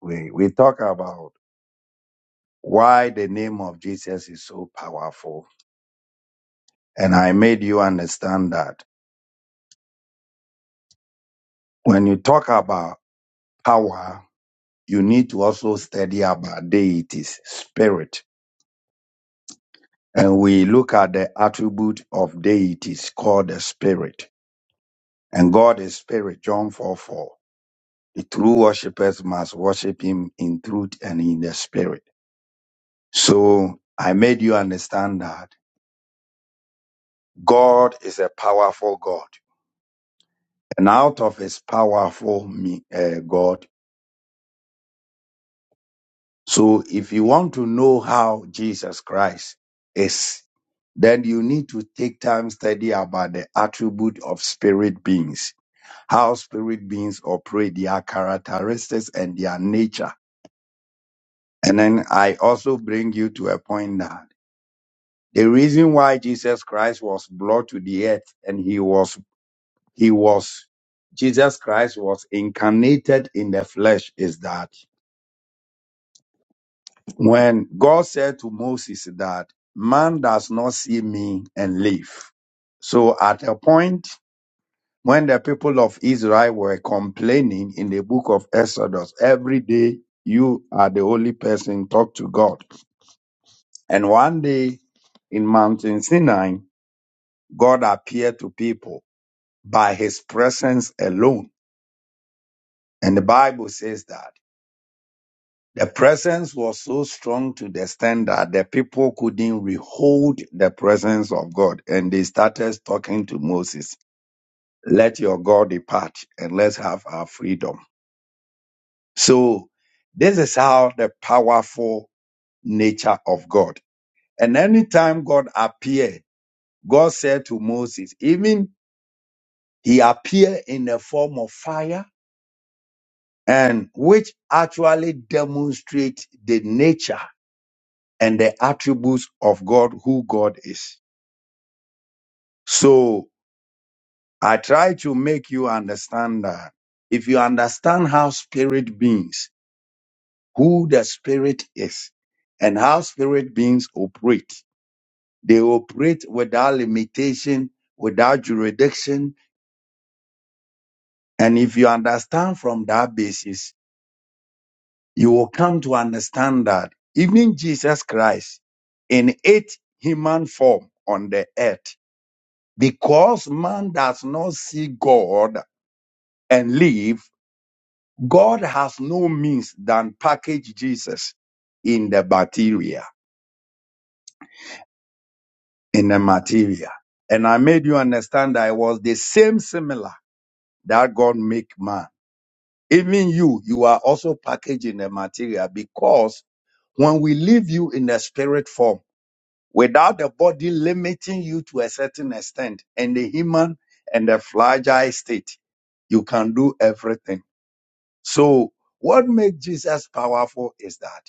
We we talk about. why the name of Jesus is so powerful. And I made you understand that when you talk about power, you need to also study about deities, spirit. And we look at the attribute of deities called the spirit. And God is spirit, John 4 4. The true worshippers must worship him in truth and in the spirit. So I made you understand that God is a powerful God. And out of his powerful me, uh, God, So if you want to know how Jesus Christ is, then you need to take time study about the attribute of spirit beings, how spirit beings operate, their characteristics and their nature. And then I also bring you to a point that the reason why Jesus Christ was brought to the earth and he was, he was, Jesus Christ was incarnated in the flesh is that When God said to Moses that man does not see me and live. So at a point when the people of Israel were complaining in the book of Exodus, every day you are the only person talk to God. And one day in Mountain Sinai, God appeared to people by his presence alone. And the Bible says that. The presence was so strong to the extent that the people couldn't withhold the presence of God. And they started talking to Moses, let your God depart and let's have our freedom. So this is how the powerful nature of God. And anytime God appeared, God said to Moses, even he appeared in the form of fire and which actually demonstrates the nature and the attributes of God, who God is. So I try to make you understand that if you understand how spirit beings, who the spirit is, and how spirit beings operate, they operate without limitation, without jurisdiction. And if you understand from that basis, you will come to understand that even Jesus Christ in its human form on the earth Because man does not see God and live, God has no means than package Jesus in the bacteria, in the material. And I made you understand that it was the same similar that God make man. Even you, you are also packaged in the material because when we leave you in the spirit form, without the body limiting you to a certain extent, in the human and the fragile state, you can do everything So what makes Jesus powerful is that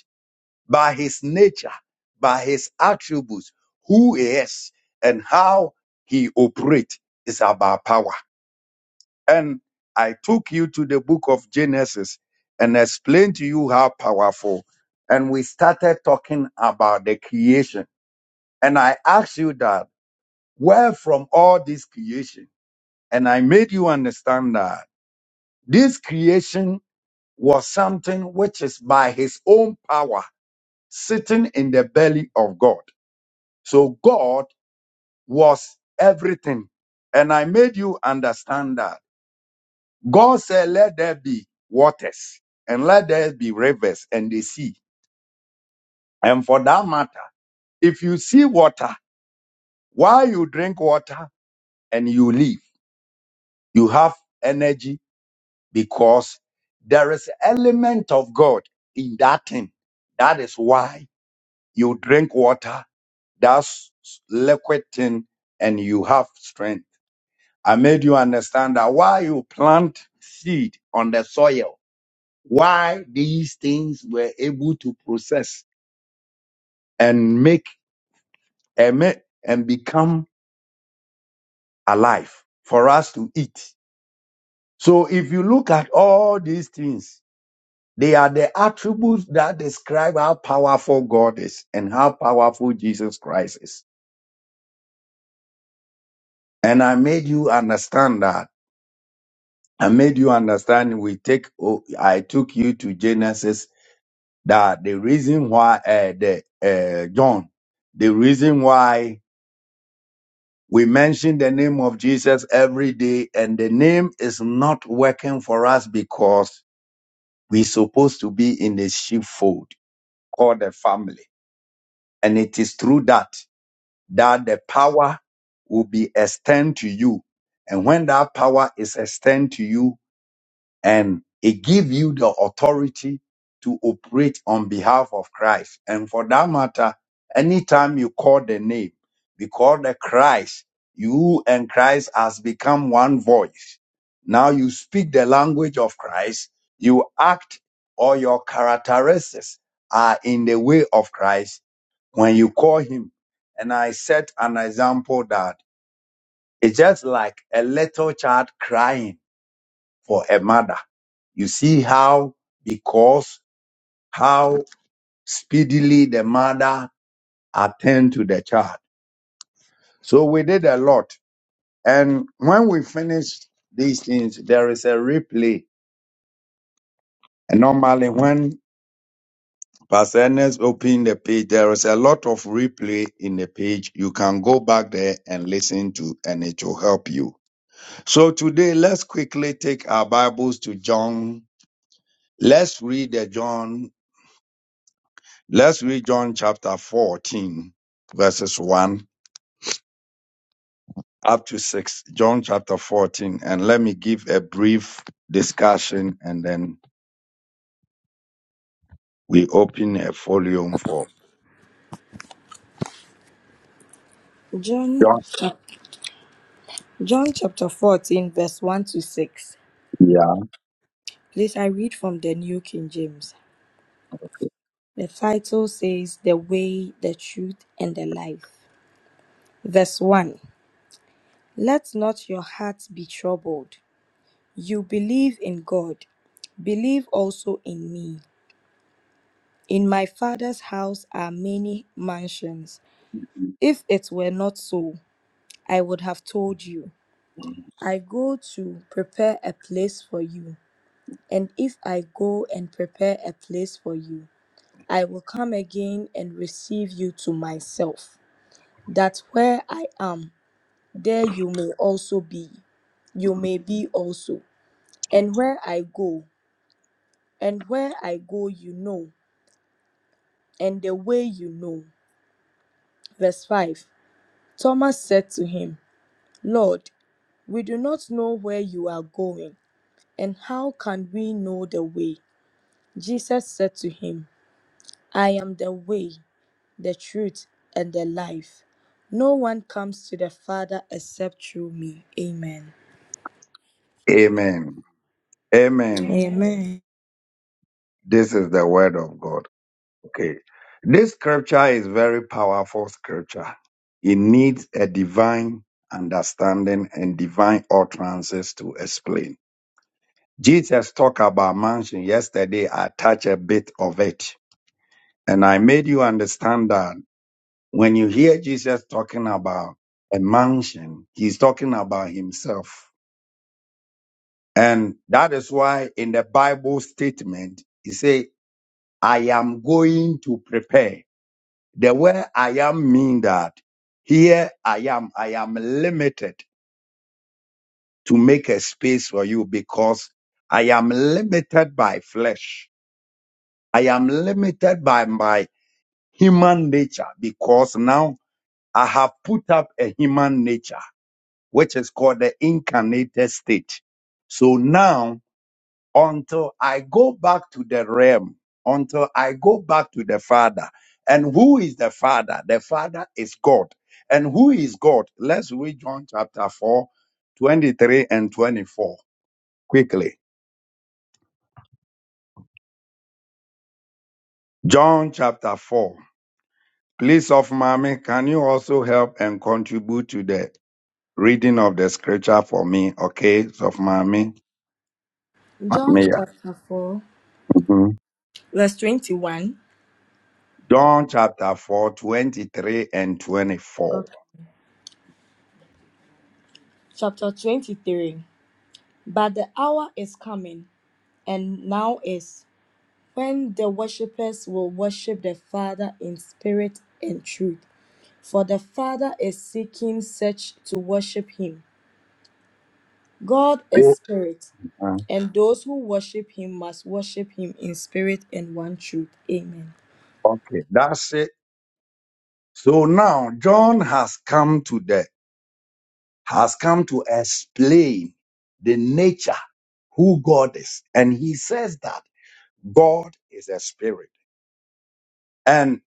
by his nature, by his attributes, who he is and how he operates is about power. And I took you to the book of Genesis and explained to you how powerful. And we started talking about the creation. And I asked you that where from all this creation? And I made you understand that this creation was something which is by his own power sitting in the belly of God. So God was everything. And I made you understand that. God said, Let there be waters and let there be rivers and the sea. And for that matter, if you see water, while you drink water and you live, you have energy because there is element of God in that thing. That is why you drink water That's liquid thing, and you have strength. I made you understand that why you plant seed on the soil, why these things were able to process and make and make, and become alive for us to eat. So if you look at all these things, they are the attributes that describe how powerful God is and how powerful Jesus Christ is. And I made you understand that I made you understand. We take. Oh, I took you to Genesis. That the reason why uh, the uh, John, the reason why we mention the name of Jesus every day, and the name is not working for us because we're supposed to be in the sheepfold called the family, and it is through that that the power will be extended to you, and when that power is extended to you and it give you the authority to operate on behalf of Christ. And for that matter, anytime you call the name, because the Christ, you and Christ has become one voice. Now you speak the language of Christ, you act or your characteristics are in the way of Christ when you call him. And I set an example that it's just like a little child crying for a mother. You see how, because how speedily the mother attend to the child. So we did a lot. And when we finished these things, there is a replay. And normally when Pastor Ernest opened the page, there is a lot of replay in the page. You can go back there and listen to, and it will help you. So today, let's quickly take our Bibles to John. Let's read the John Let's read John chapter 14, verses 1 up to 6. John chapter 14, and let me give a brief discussion and then we open a volume for
John,
John.
chap- John chapter 14, verse 1 to 6.
here.
Please, I read from the New King James. The title says, The Way, the Truth, and the Life. Verse 1 Let not your heart be troubled. You believe in God, believe also in me. In my Father's house are many mansions. If it were not so, I would have told you. I go to prepare a place for you. And if I go and prepare a place for you, I will come again and receive you to myself, that where I am, there you may also be. You may be also. And where I go, and where I go, you know, and the way you know. Verse 5 Thomas said to him, Lord, we do not know where you are going, and how can we know the way? Jesus said to him, I am the way, the truth, and the life. No one comes to the Father except through me. Amen.
Amen. Amen.
Amen.
This is the word of God. Okay. This scripture is very powerful scripture. It needs a divine understanding and divine utterances to explain. Jesus talked about mansion yesterday. I touched a bit of it And I made you understand that when you hear Jesus talking about a mansion, he's talking about himself. And that is why in the Bible statement, he say, I am going to prepare. The word I am mean that here I am, I am limited to make a space for you because I am limited by flesh. I am limited by my human nature because now I have put up a human nature, which is called the incarnated state. So now, until I go back to the realm, until I go back to the Father, and who is the Father? The Father is God. And who is God? Let's read John chapter 4, 23 and 24 quickly. John chapter 4. Please, of mommy, can you also help and contribute to the reading of the scripture for me? Okay, so of mommy.
John chapter 4,
Mhm.
Verse 21.
John chapter 4 23 and 24.
okay. chapter 23. But the hour is coming, and now is, when the worshippers will worship the Father in spirit and truth. For the Father is seeking such to worship him. God is spirit,
Uh,
And those who worship him must worship him in spirit and one truth. Amen.
Okay, that's it. So now John has come to the has come to explain the nature who God is. And he says that God is a spirit. And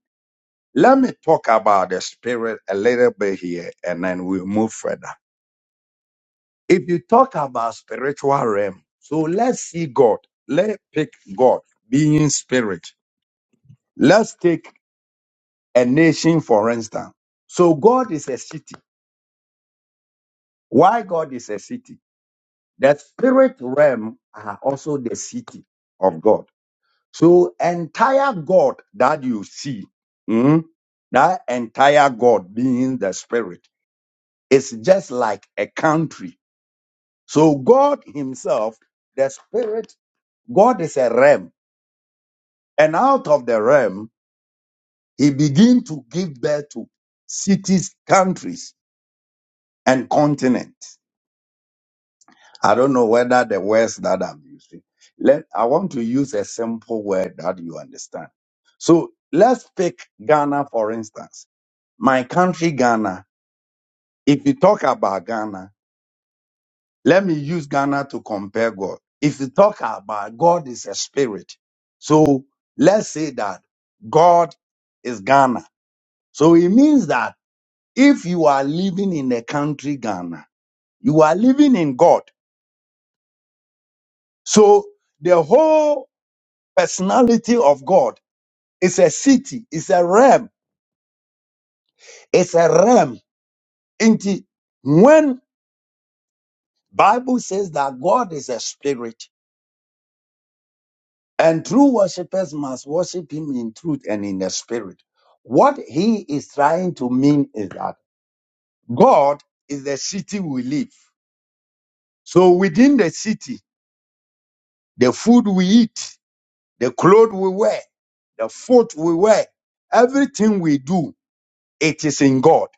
let me talk about the spirit a little bit here and then we'll move further. If you talk about spiritual realm, so let's see God. Let's pick God being spirit. Let's take a nation, for instance. So God is a city. Why God is a city? The spirit realm are also the city of God. So entire God that you see, mm, that entire God being the spirit, is just like a country. So God himself, the spirit, God is a realm. And out of the realm, he begin to give birth to cities, countries, and continents. I don't know whether the words that I'm using. Let I want to use a simple word that you understand. So let's pick Ghana for instance. My country Ghana. If you talk about Ghana, let me use Ghana to compare God. If you talk about God is a spirit. So let's say that God is Ghana. So it means that if you are living in the country Ghana, you are living in God. So the whole personality of God. It's a city. It's a realm. It's a realm. Indeed, when Bible says that God is a spirit, and true worshippers must worship Him in truth and in the spirit. What He is trying to mean is that God is the city we live. So within the city, the food we eat, the clothes we wear, the foot we wear, everything we do, it is in God.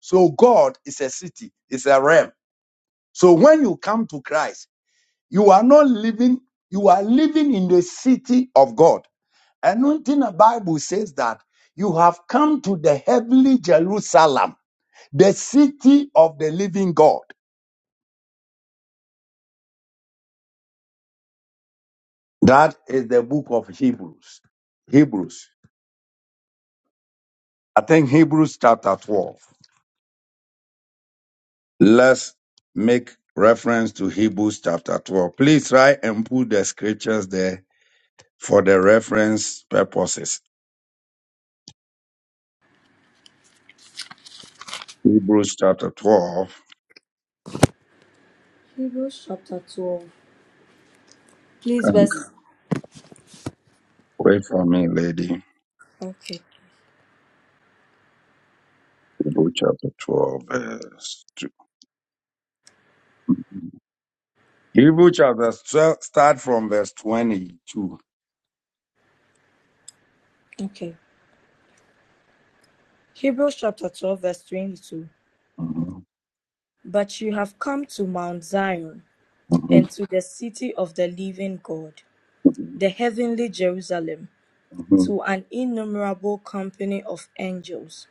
So God is a city. It's a realm. So when you come to Christ, you are not living, you are living in the city of God. And one thing the Bible says that you have come to the heavenly Jerusalem, the city of the living God. That is the book of Hebrews. Hebrews. I think Hebrews chapter 12. Let's make reference to Hebrews chapter 12. Please try and put the scriptures there for the reference purposes. Hebrews chapter 12.
Hebrews chapter 12. Please, verse.
Wait for me, lady.
Okay.
Hebrew chapter 12, verse 2. Mm-hmm. Hebrew chapter 12, start from verse 22.
Okay. Hebrews chapter 12, verse 22.
Mhm,
But you have come to Mount Zion and
mhm,
to the city of the living God,
mhm,
the heavenly Jerusalem,
mhm.
to an innumerable company of angels,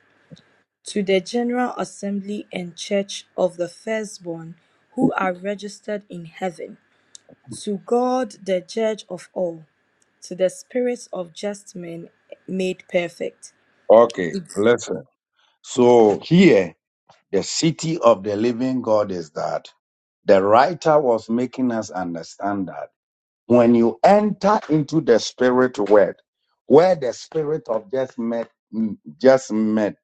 to the general assembly and church of the firstborn who are registered in heaven To God, the judge of all, to the spirits of just men made perfect.
Okay, listen. So here, the city of the living God is that the writer was making us understand that. when you enter into the spirit world, where the spirit of just met, just met,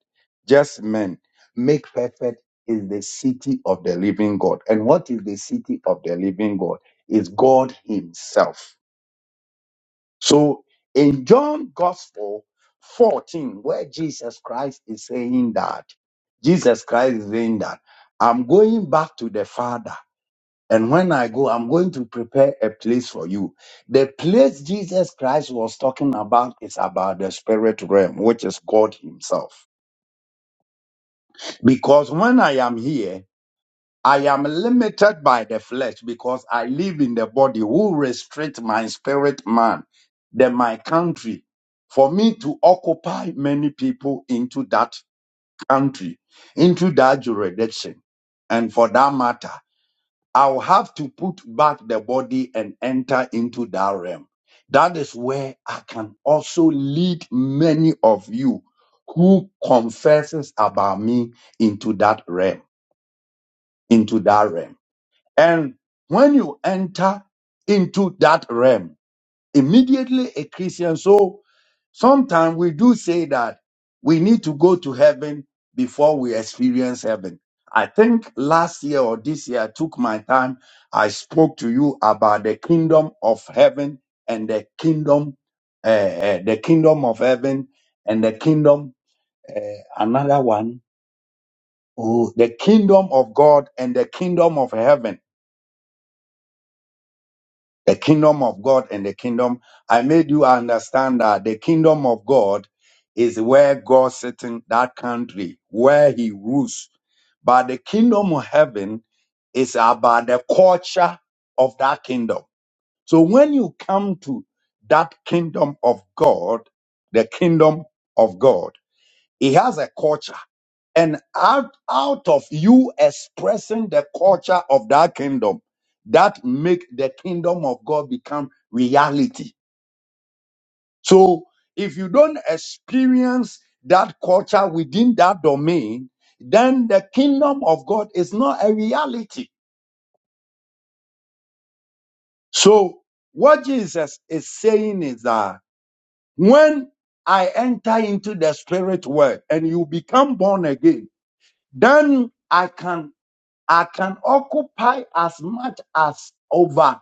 just men make perfect is the city of the living God. And what is the city of the living God? Is God Himself. So in John Gospel 14, where Jesus Christ is saying that, Jesus Christ is saying that, I'm going back to the Father and when I go, I'm going to prepare a place for you. The place Jesus Christ was talking about is about the spirit realm, which is God Himself. Because when I am here, I am limited by the flesh because I live in the body who restrict my spirit man, then my country. For me to occupy many people into that country, into that jurisdiction, and for that matter. I'll have to put back the body and enter into that realm. That is where I can also lead many of you who confesses about me into that realm, into that realm. And when you enter into that realm, immediately a Christian. so Sometimes we do say that we need to go to heaven before we experience heaven. I think last year or this year, I took my time. I spoke to you about the kingdom of heaven and the kingdom, uh, uh, the kingdom of heaven and the kingdom, uh, another one. Oh, the kingdom of God and the kingdom of heaven the kingdom of God and the kingdom. I made you understand that the kingdom of God is where God sits in that country, where he rules. But the kingdom of heaven is about the culture of that kingdom. So when you come to that kingdom of God, the kingdom of God, it has a culture and out, out of you expressing the culture of that kingdom, that make the kingdom of God become reality. So if you don't experience that culture within that domain, then the kingdom of God is not a reality. So what Jesus is saying is that when I enter into the spirit world and you become born again, then I can. I can occupy as much as over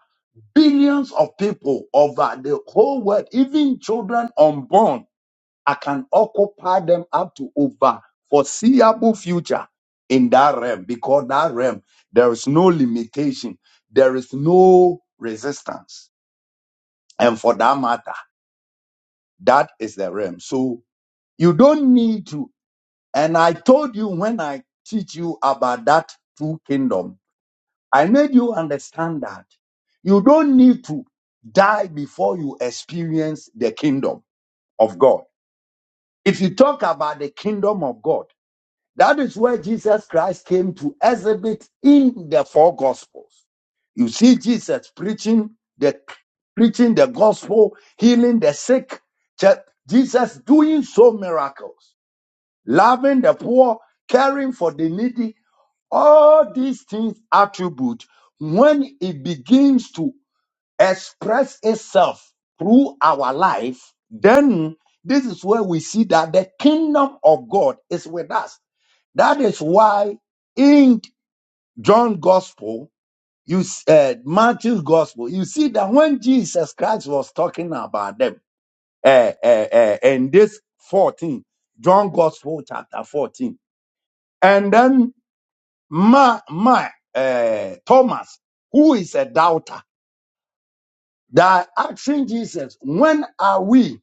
billions of people over the whole world, even children unborn. I can occupy them up to over foreseeable future in that realm because that realm there is no limitation, there is no resistance, and for that matter, that is the realm. So you don't need to. And I told you when I teach you about that true kingdom I made you understand that you don't need to die before you experience the kingdom of God. If you talk about the kingdom of God, that is where Jesus Christ came to exhibit in the four gospels. You see Jesus preaching the preaching the gospel, healing the sick, Je- Jesus doing so miracles, loving the poor, caring for the needy, all these things attribute when it begins to express itself through our life then this is where we see that the kingdom of god is with us that is why in john gospel you s- uh, matthew's gospel you see that when jesus christ was talking about them uh, uh, uh, in this 14 john gospel chapter 14 and then my my uh, Thomas, who is a doubter, that asking Jesus, when are we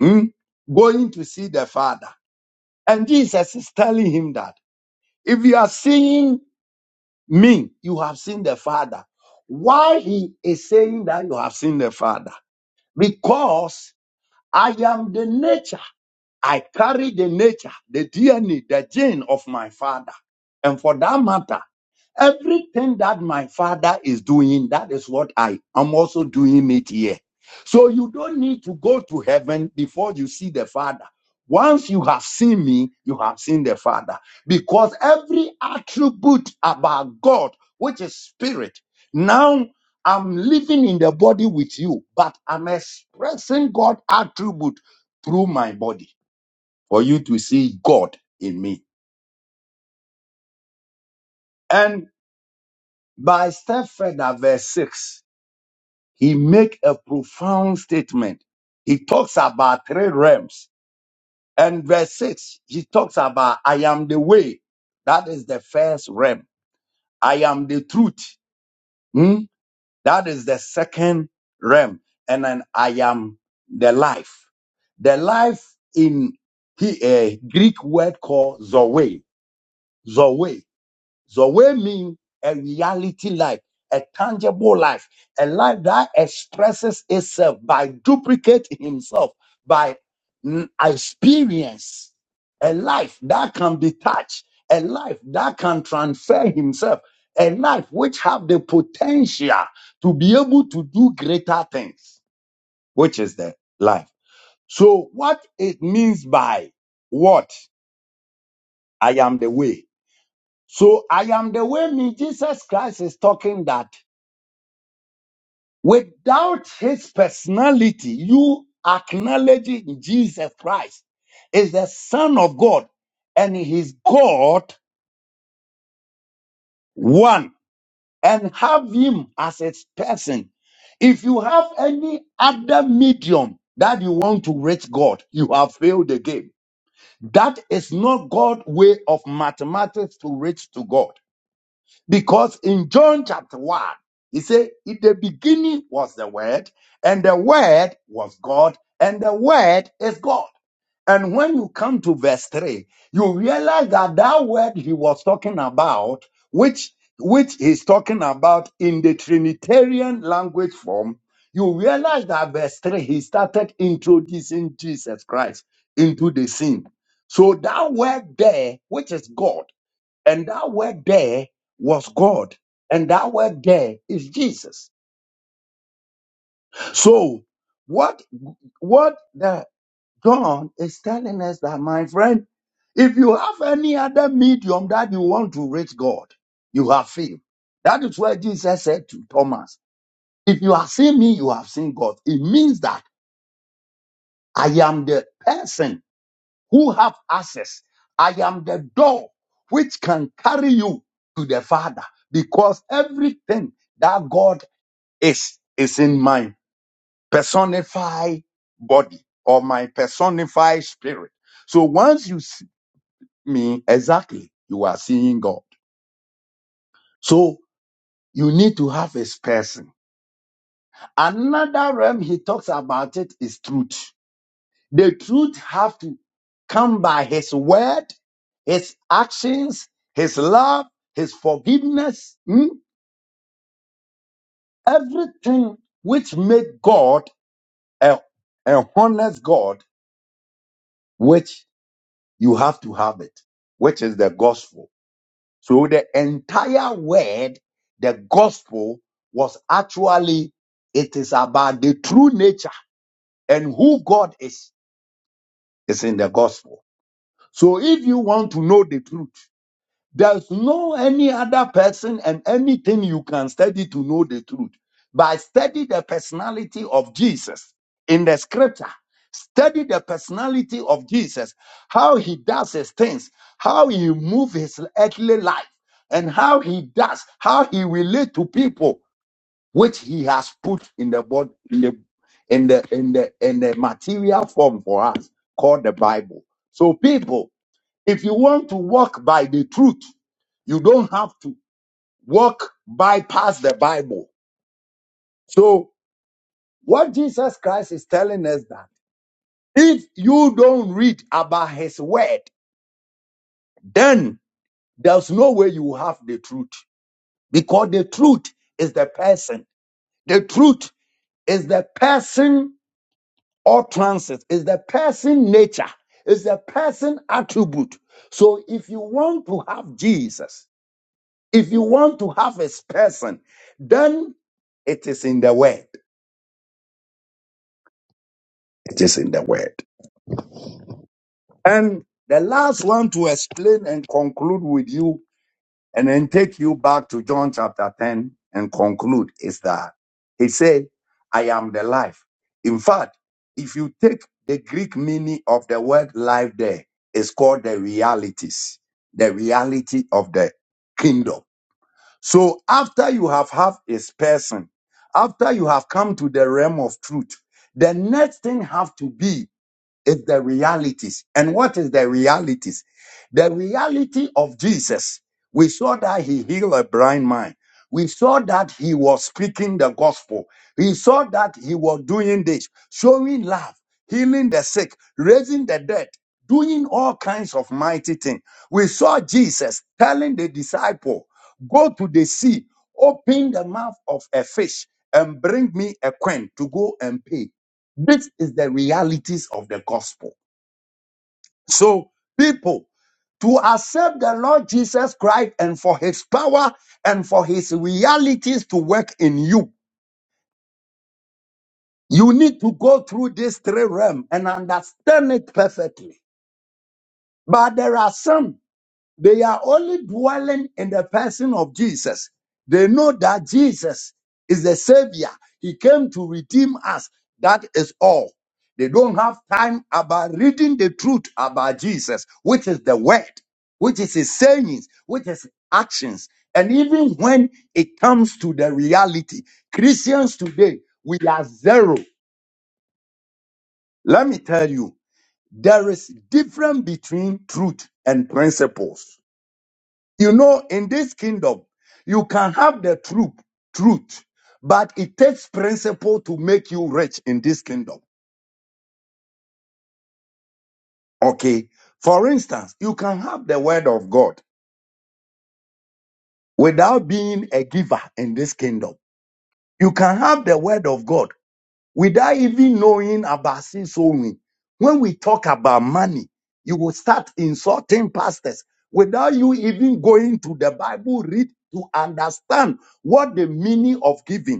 hmm, going to see the Father? And Jesus is telling him that if you are seeing me, you have seen the Father. Why he is saying that you have seen the Father? Because I am the nature. I carry the nature, the DNA, the gene of my Father. And for that matter, Everything that my father is doing, that is what I am also doing it here. So you don't need to go to heaven before you see the father. Once you have seen me, you have seen the father. Because every attribute about God, which is spirit, now I'm living in the body with you, but I'm expressing God attribute through my body for you to see God in me. And by step further, verse 6. he make a profound statement. He talks about three realms. And verse six, he talks about I am the way. That is the first realm. I am the truth. Hmm? That is the second realm. And then I am the life. The life in he, a Greek word called Zoe. Zoe. The way means a reality life, a tangible life, a life that expresses itself by duplicate himself, by mm, experience, a life that can be touched, a life that can transfer himself, a life which have the potential to be able to do greater things, which is the life. So what it means by what? I am the way. So I am the way me, Jesus Christ is talking that without his personality, you acknowledging Jesus Christ is the Son of God and his God one and have him as its person. If you have any other medium that you want to reach God, you have failed the game. That is not God's way of mathematics to reach to God. Because in John chapter 1, he said, In the beginning was the Word, and the Word was God, and the Word is God. And when you come to verse 3, you realize that that word he was talking about, which, which he's talking about in the Trinitarian language form, you realize that verse 3, he started introducing Jesus Christ into the scene. So that word there, which is God, and that word there was God. And that word there is Jesus. So what what the John is telling us that my friend, if you have any other medium that you want to reach God, you have failed. That is where Jesus said to Thomas, if you have seen me, you have seen God. It means that I am the person who have access. I am the door which can carry you to the Father because everything that God is is in my personified body or my personified spirit. So once you see me exactly, you are seeing God. So you need to have his person. Another realm he talks about it is truth. The truth have to come by his word, his actions, his love, his forgiveness, mm, everything which make God a, a honest God, which you have to have it, which is the gospel. So the entire word, the gospel was actually, it is about the true nature and who God is, is in the gospel. So if you want to know the truth, There's no any other person and anything you can study to know the truth. But study the personality of Jesus in the scripture. Study the personality of Jesus, how he does his things, how he moves his earthly life, and how he does, how he relate to people, which he has put in the body, in the in the in the in the material form for us called the Bible. So people, if you want to walk by the truth, you don't have to walk bypass the Bible. So what Jesus Christ is telling us that if you don't read about his word, then there's no way you have the truth because the truth is the person. The truth is the person or transit, is the person nature, is the person attribute. So if you want to have Jesus, if you want to have his person, then it is in the word. It is in the word. And the last one to explain and conclude with you and then take you back to John chapter 10 and conclude is that he said, I am the life. In fact, if you take the Greek meaning of the word life there, it's called the realities, the reality of the kingdom. So after you have have his person, after you have come to the realm of truth, the next thing have to be it's the realities. And what is the realities? The reality of Jesus. We saw that he healed a blind man. We saw that he was speaking the gospel. We saw that he was doing this, showing love, healing the sick, raising the dead, doing all kinds of mighty things. We saw Jesus telling the disciple, go to the sea, open the mouth of a fish and bring me a coin to go and pay. This is the realities of the gospel. So, people, to accept the Lord Jesus Christ and for his power and for his realities to work in you, you need to go through these three realms and understand it perfectly. But there are some. They are only dwelling in the person of Jesus. They know that Jesus is the Savior. He came to redeem us. That is all. They don't have time about reading the truth about Jesus, which is the Word, which is His sayings, which is actions. And even when it comes to the reality, Christians today, we are zero. Let me tell you, there is difference between truth and principles. You know, in this kingdom, you can have the truth, truth, but it takes principle to make you rich in this kingdom. Okay. For instance, you can have the word of God without being a giver in this kingdom. You can have the word of God without even knowing about sin sowing. When we talk about money, you will start insulting pastors without you even going to the Bible, read to understand what the meaning of giving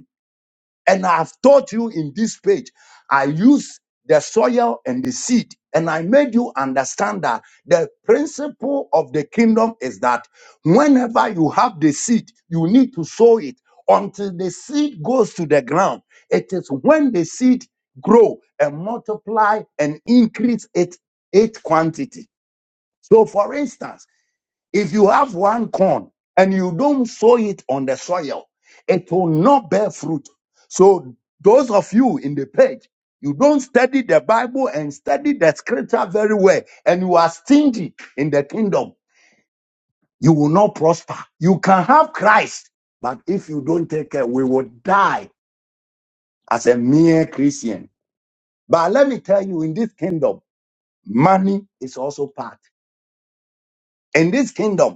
And I have taught you in this page. I use the soil and the seed. And I made you understand that the principle of the kingdom is that whenever you have the seed, you need to sow it until the seed goes to the ground. It is when the seed grow and multiply and increase its, its quantity. So, for instance, if you have one corn and you don't sow it on the soil, it will not bear fruit. So, those of you in the page, you don't study the Bible and study the scripture very well, and you are stingy in the kingdom, you will not prosper. You can have Christ, but if you don't take care, we will die as a mere Christian. But let me tell you, in this kingdom, money is also part. In this kingdom,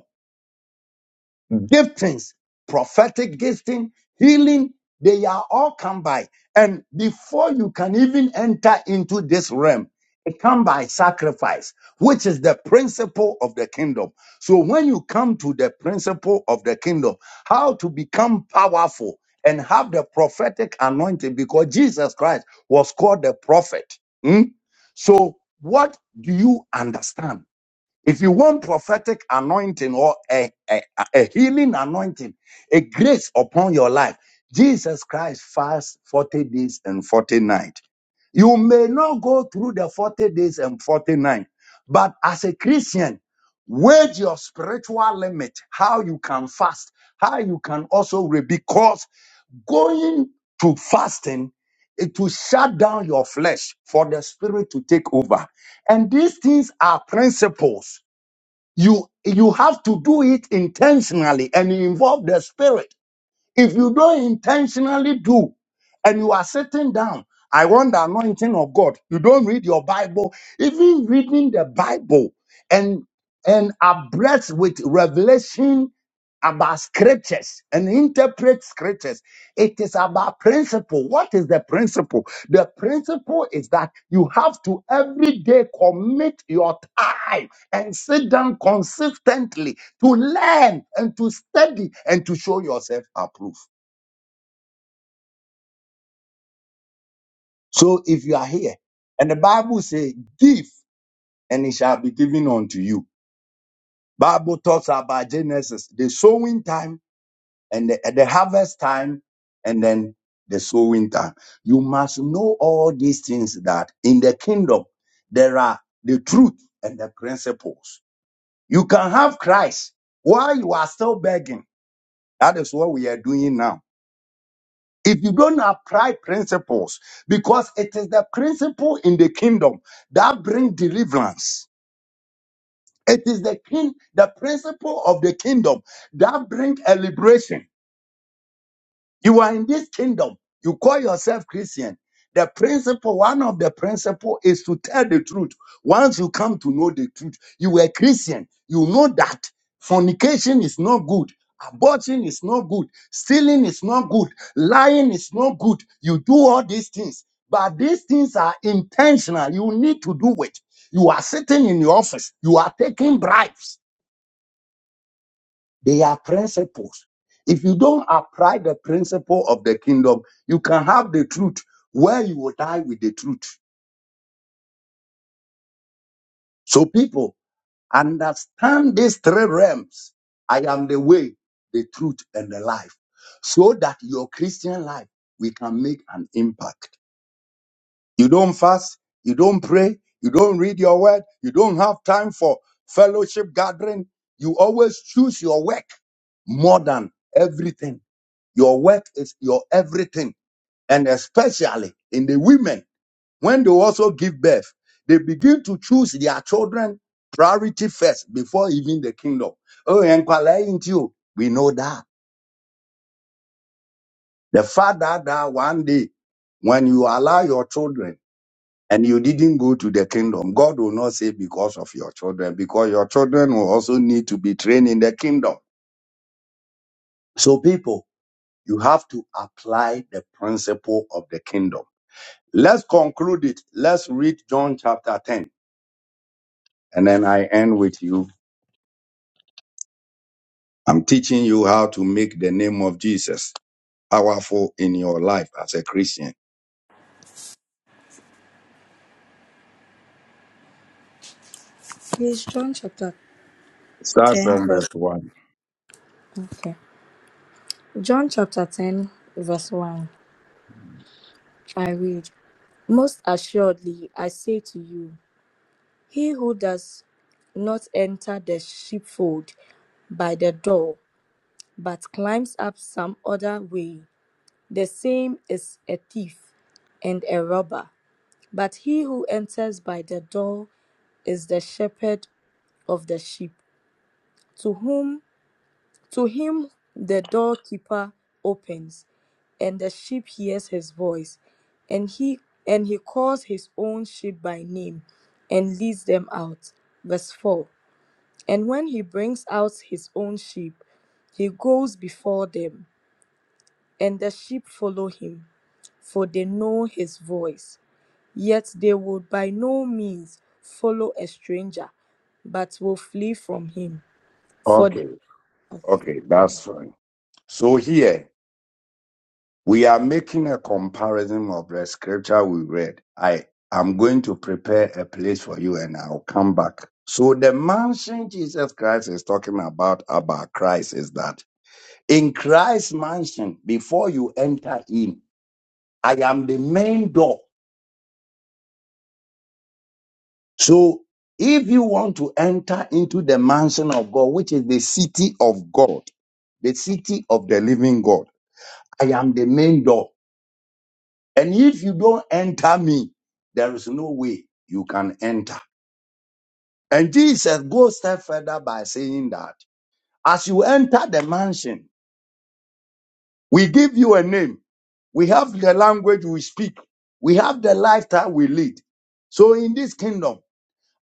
giftings, prophetic gifting, healing, they are all come by. And before you can even enter into this realm, it come by sacrifice, which is the principle of the kingdom. So when you come to the principle of the kingdom, how to become powerful and have the prophetic anointing, because Jesus Christ was called the prophet. hmm? So what do you understand? If you want prophetic anointing or a, a, a healing anointing, a grace upon your life, Jesus Christ fast 40 days and 40 nights. You may not go through the 40 days and 40 nights, but as a Christian, wage your spiritual limit, how you can fast, how you can also re because going to fasting it will shut down your flesh for the spirit to take over. And these things are principles you you have to do it intentionally and involve the spirit. If you don't intentionally do and you are sitting down, I want the anointing of God. You don't read your Bible, even reading the Bible and and abreast with revelation about scriptures and interpret scriptures. It is about principle. What is the principle? The principle is that you have to every day commit your time and sit down consistently to learn and to study and to show yourself approved. So if you are here, and the Bible says, give and it shall be given unto you. Bible talks about Genesis, the sowing time and the, the harvest time, and then the sowing time. You must know all these things that in the kingdom there are the truth and the principles. You can have Christ while you are still begging. That is what we are doing now. if you don't apply principles, because it is the principle in the kingdom that bring deliverance. It is the king, the principle of the kingdom that bring a liberation. You are in this kingdom. You call yourself Christian. The principle, one of the principle is to tell the truth. Once you come to know the truth, you were Christian. You know that fornication is not good. Abortion is not good. Stealing is not good. Lying is not good. You do all these things. But these things are intentional. You need to do it. You are sitting in your office. You are taking bribes. They are principles. If you don't apply the principle of the kingdom, you can have the truth where you will die with the truth. So, people, understand these three realms I am the way, the truth, and the life, so that your Christian life we can make an impact. You don't fast, you don't pray, you don't read your word, you don't have time for fellowship gathering. You always choose your work more than everything. Your work is your everything. And especially in the women, when they also give birth, they begin to choose their children priority first before even the kingdom. Oh, and you, we know that. The father that that one day, when you allow your children and you didn't go to the kingdom, God will not say because of your children, because your children will also need to be trained in the kingdom. So people, you have to apply the principle of the kingdom Let's conclude it. Let's read John chapter 10, and then I end with you. I'm teaching you how to make the name of Jesus powerful in your life as a Christian.
Please, John chapter
Start
10,
from verse
verse.
1.
Okay. John chapter 10, verse 1. I read Most assuredly, I say to you, he who does not enter the sheepfold by the door, but climbs up some other way, the same is a thief and a robber. But he who enters by the door is the shepherd of the sheep to whom to him the doorkeeper opens and the sheep hears his voice and he and he calls his own sheep by name and leads them out verse 4 and when he brings out his own sheep he goes before them and the sheep follow him for they know his voice yet they would by no means follow a stranger but will flee from him for
Okay,
okay.
okay, that's fine. So here we are making a comparison of the scripture we read. I am going to prepare a place for you and I'll come back. So the mansion Jesus Christ is talking about about Christ is that in Christ's mansion before you enter in. I am the main door. So if you want to enter into the mansion of God, which is the city of God, the city of the living God, I am the main door. And if you don't enter me, there is no way you can enter. And Jesus goes a step further by saying that as you enter the mansion, we give you a name We have the language we speak. We have the lifestyle we lead. So in this kingdom,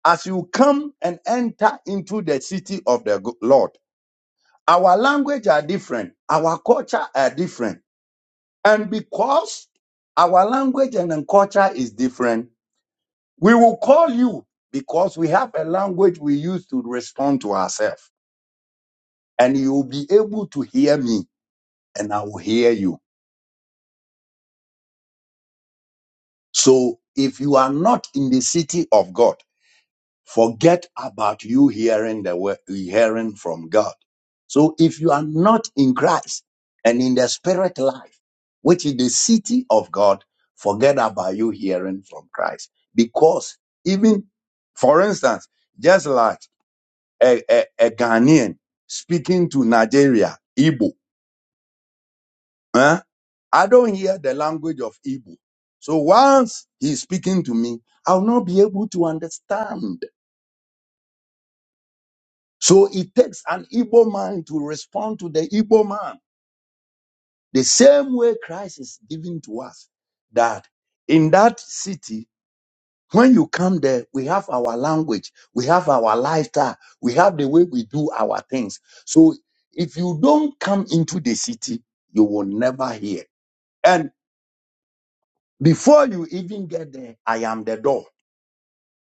as you come and enter into the city of the go- Lord, our language are different. Our culture are different. And because our language and then culture is different, we will call you because we have a language we use to respond to ourselves. And you will be able to hear me and I will hear you. So if you are not in the city of God, Forget about you hearing the word, hearing from God. So if you are not in Christ and in the spirit life, which is the city of God, forget about you hearing from Christ. Because even, for instance, just like a, a, a Ghanaian speaking to Nigeria, Igbo, eh, I don't hear the language of Igbo. So once he's speaking to me, I'll not be able to understand So it takes an Igbo man to respond to the Igbo man. The same way Christ is giving to us that in that city, when you come there, we have our language, we have our lifestyle, we have the way we do our things. So if you don't come into the city, you will never hear. And before you even get there, I am the door.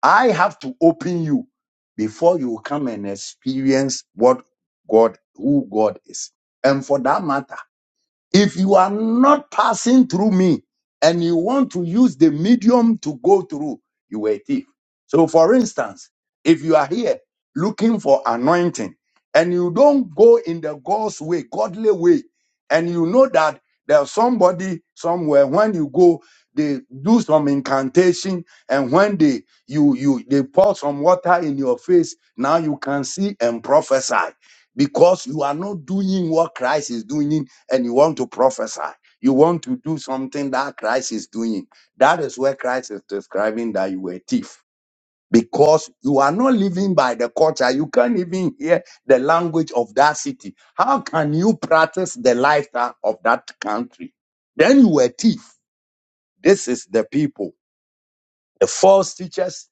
I have to open you before you come and experience what God, who God is. And for that matter, if you are not passing through me and you want to use the medium to go through, you are a thief. So, for instance, if you are here looking for anointing and you don't go in the God's way, godly way, and you know that there's somebody somewhere when you go, they do some incantation, and when they you you they pour some water in your face, now you can see and prophesy because you are not doing what Christ is doing and you want to prophesy. You want to do something that Christ is doing. That is where Christ is describing that you were a thief. Because you are not living by the culture. You can't even hear the language of that city. How can you practice the lifestyle of that country? Then you were a thief. This is the people, the false teachers,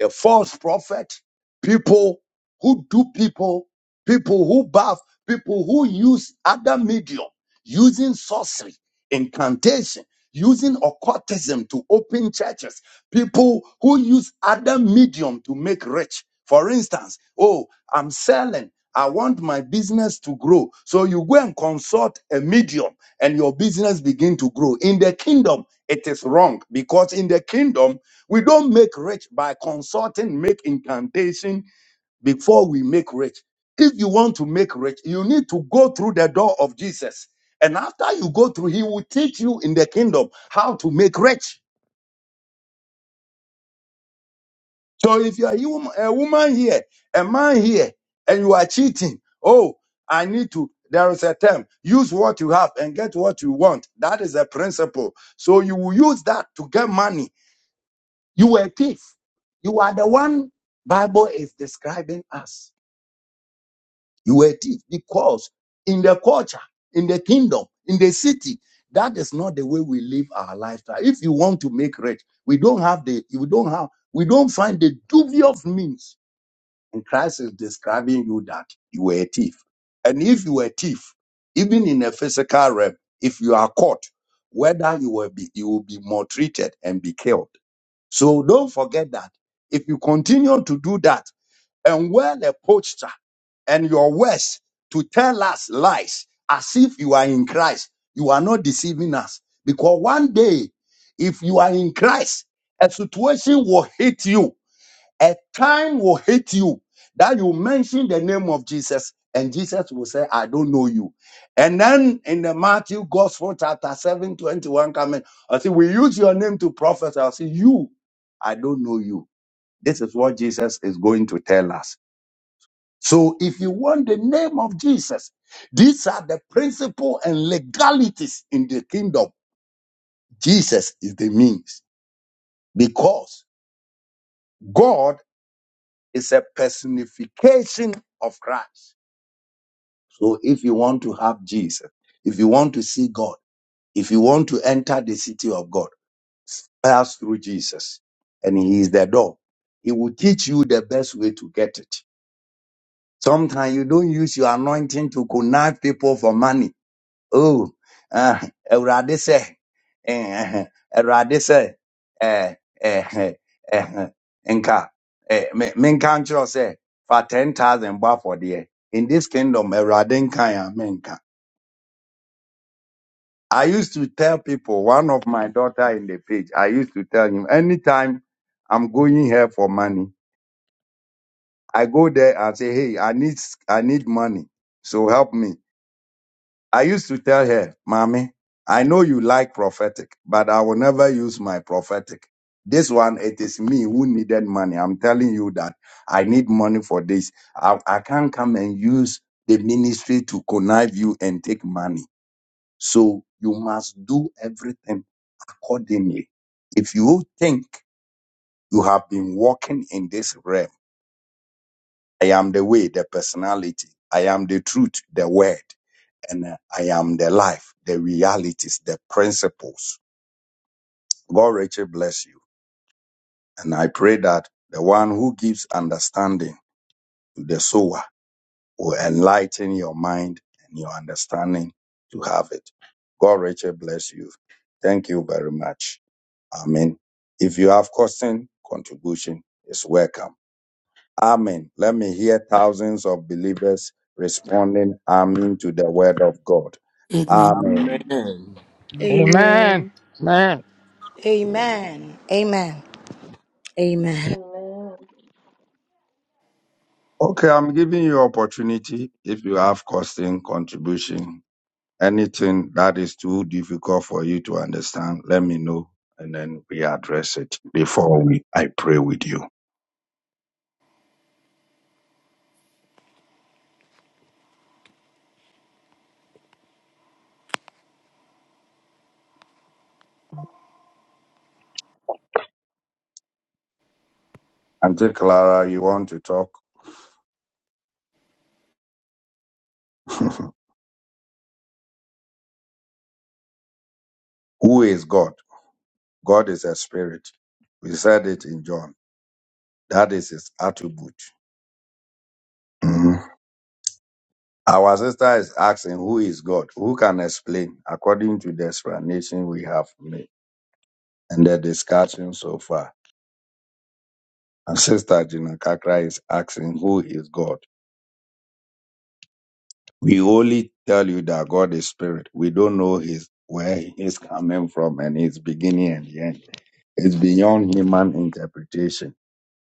a false prophet, people who do people, people who bath, people who use other medium, using sorcery, incantation, using occultism to open churches, people who use other medium to make rich. For instance, oh, I'm selling. I want my business to grow. So you go and consult a medium and your business begin to grow. In the kingdom, it is wrong because in the kingdom, we don't make rich by consulting, make incantation before we make rich. If you want to make rich, you need to go through the door of Jesus. And after you go through, he will teach you in the kingdom how to make rich. So if you're a hum- a woman here, a man here, and you are cheating, oh, I need to, there is a term, use what you have and get what you want. That is a principle. So you will use that to get money You were a thief. You are the one Bible is describing us. You were a thief because in the culture, in the kingdom, in the city, that is not the way we live our lifestyle. If you want to make rich, we don't have the we don't have we don't find the dubious means. And Christ is describing you that you were a thief. And if you were a thief, even in a physical realm, if you are caught, whether you will be you will be maltreated and be killed. So don't forget that. If you continue to do that and wear the posture and your words to tell us lies as if you are in Christ, you are not deceiving us. Because one day, if you are in Christ, a situation will hit you a time will hit you that you mention the name of Jesus, and Jesus will say, I don't know you. And then in the Matthew Gospel, chapter seven twenty one 21, coming, I say, We use your name to prophesy. I say, You, I don't know you. This is what Jesus is going to tell us. So if you want the name of Jesus, these are the principle and legalities in the kingdom. Jesus is the means because God is a personification of Christ. So if you want to have Jesus, if you want to see God, if you want to enter the city of God, pass through Jesus. And he is the door. He will teach you the best way to get it. Sometimes you don't use your anointing to connive people for money. Oh, uh, Erade say, eh, Erade say, eh, eh, eh, eh, Nka, eh, me- menka nkyerɛ wo sɛ, for 10,000 bath for there. In this kingdom, Erade nka ya, menka. I used to tell people, one of my daughter in the page, I used to tell him, anytime I'm going here for money, I go there and say, hey, I need, I need money. So help me. I used to tell her, mommy, I know you like prophetic, but I will never use my prophetic. This one, it is me who needed money. I'm telling you that I need money for this. I, I can't come and use the ministry to connive you and take money. So you must do everything accordingly. If you think you have been walking in this realm, I am the way, the personality, I am the truth, the word, and uh, I am the life, the realities, the principles. God richly bless you. And I pray that the one who gives understanding to the sower will enlighten your mind and your understanding to have it. God richly bless you. Thank you very much. Amen. If you have question, contribution is welcome. Amen. Let me hear thousands of believers responding amen to the word of God.
Amen.
Amen.
Amen.
Amen.
Amen. Amen.
Amen. Amen. Amen.
Amen.
Okay, I'm giving you opportunity if you have question, contribution, anything that is too difficult for you to understand, let me know and then we address it before we I pray with you. Auntie Clara, you want to talk? Who is God? God is a spirit. We said it in John. That is his attribute. Mhm. Our sister is asking, Who is God? Who can explain according to the explanation we have made and the discussion so far? And Sister Gina Kakra is asking, Who is God? We only tell you that God is spirit. We don't know his where he's coming from and his beginning and the end. It's beyond human interpretation.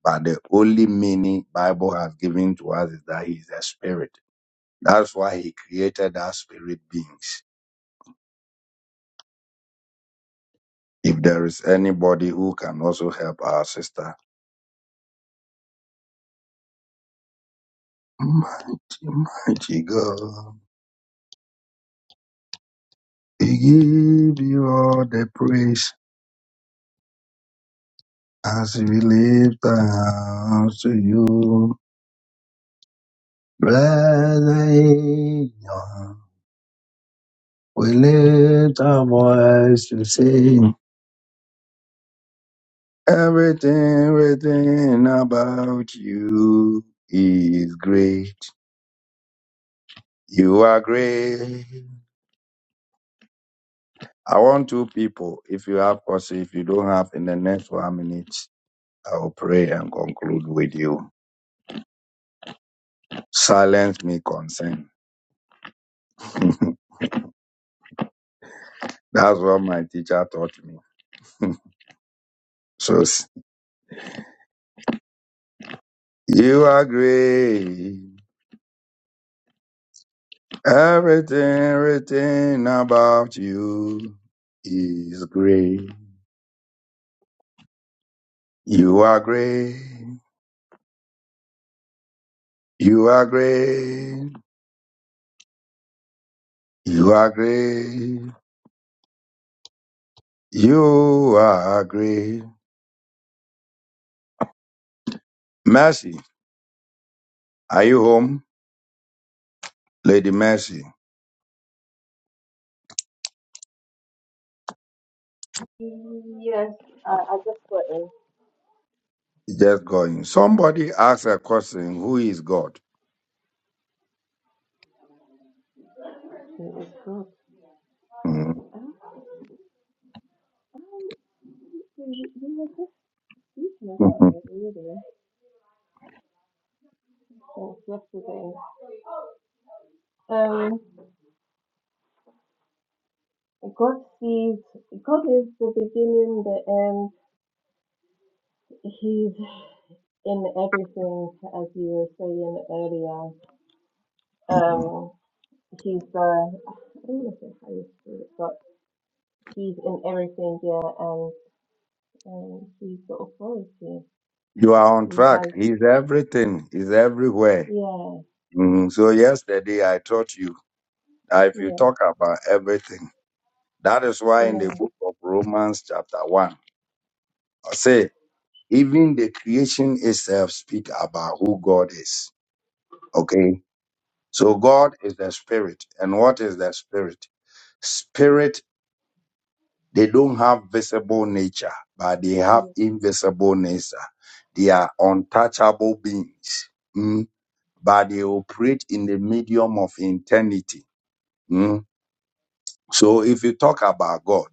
But the only meaning Bible has given to us is that he is a spirit That's why he created us spirit beings. If there is anybody who can also help our sister, mighty, mighty God, we give you all the praise as we lift our hands to you. Blessed Lord, we lift our voice to sing. Everything, everything about you is great. You are great. I want two people. If you have questions, if you don't have, in the next one minute, I will pray and conclude with you. Silence me concern. That's what my teacher taught me. So s- you are great. Everything everything about you is great. You are great. You are great. You are great. You are great. Mercy, are you home? Lady Mercy
Yes, I, I just got in.
is just going. Somebody asks a question, who is God?
It was good.
Mhm.
Um, um, we, we were just speaking about
Mhm.
it really since yesterday. Um, God sees, God is the beginning, the end. He's in everything, as you were saying earlier.
Mhm.
Um, he's the, I don't want to say Holy Spirit, but he's in everything, yeah, and um, he's the authority.
you are on
He
track.
has,
He's everything. He's everywhere.
yeah,
Mhm. So yesterday I taught you that if you
yeah,
talk about everything, that is why in the
yeah.
book of Romans chapter one, I say even the creation itself speak about who God is. Okay.
Yes,
So God is the spirit. And what is the Spirit? spirit? They don't have visible nature, but they
yes,
have invisible nature. They are untouchable beings, mm, but they operate in the medium of eternity. mm. So if you talk about God,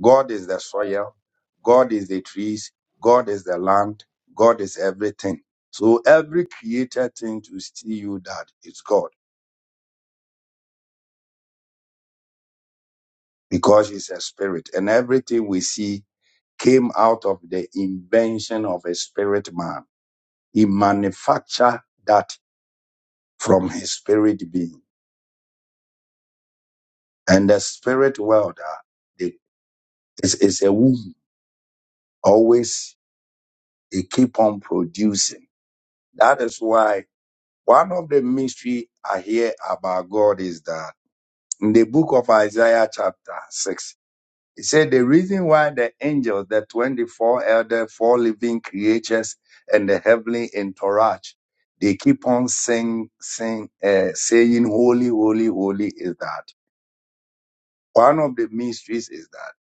God is the soil, God is the trees, God is the land, God is everything. So every created thing to see you that is God because it's a spirit and everything we see came out of the invention of a spirit man. He manufactured that from his spirit being. And the spirit world uh, it is, is a womb. Always it keep on producing. That is why one of the mystery I hear about God is that in the book of Isaiah chapter 6, it said the reason why the angels, the 24 elder, four living creatures, and the heavenly entourage, they keep on saying, saying, uh, saying, holy, holy, holy is that. One of the mysteries is that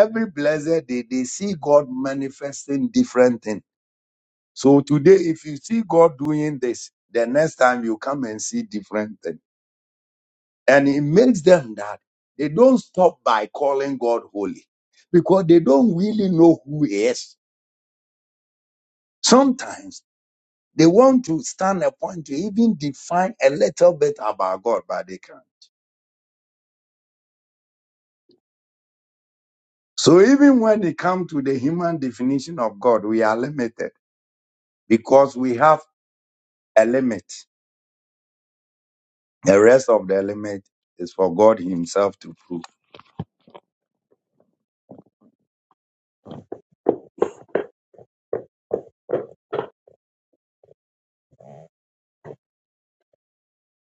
every blessed day they see God manifesting different things. So today, if you see God doing this, the next time you come and see different thing. And it makes them that they don't stop by calling God holy because they don't really know who He is. Sometimes they want to stand a point to even define a little bit about God, but they can't. So even when it comes to the human definition of God, we are limited because we have a limit. The rest of the limit is for God Himself to prove.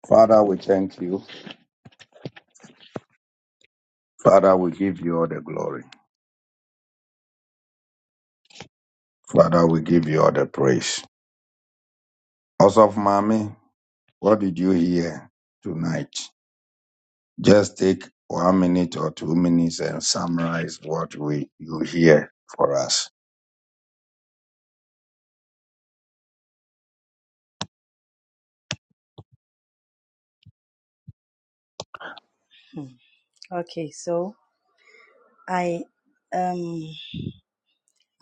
Father, we thank you. Father, we give you all the glory. Father, we give you all the praise. Also, Mommy, what did you hear tonight? Just take one minute or two minutes and summarize what we you hear for us.
Okay, so I um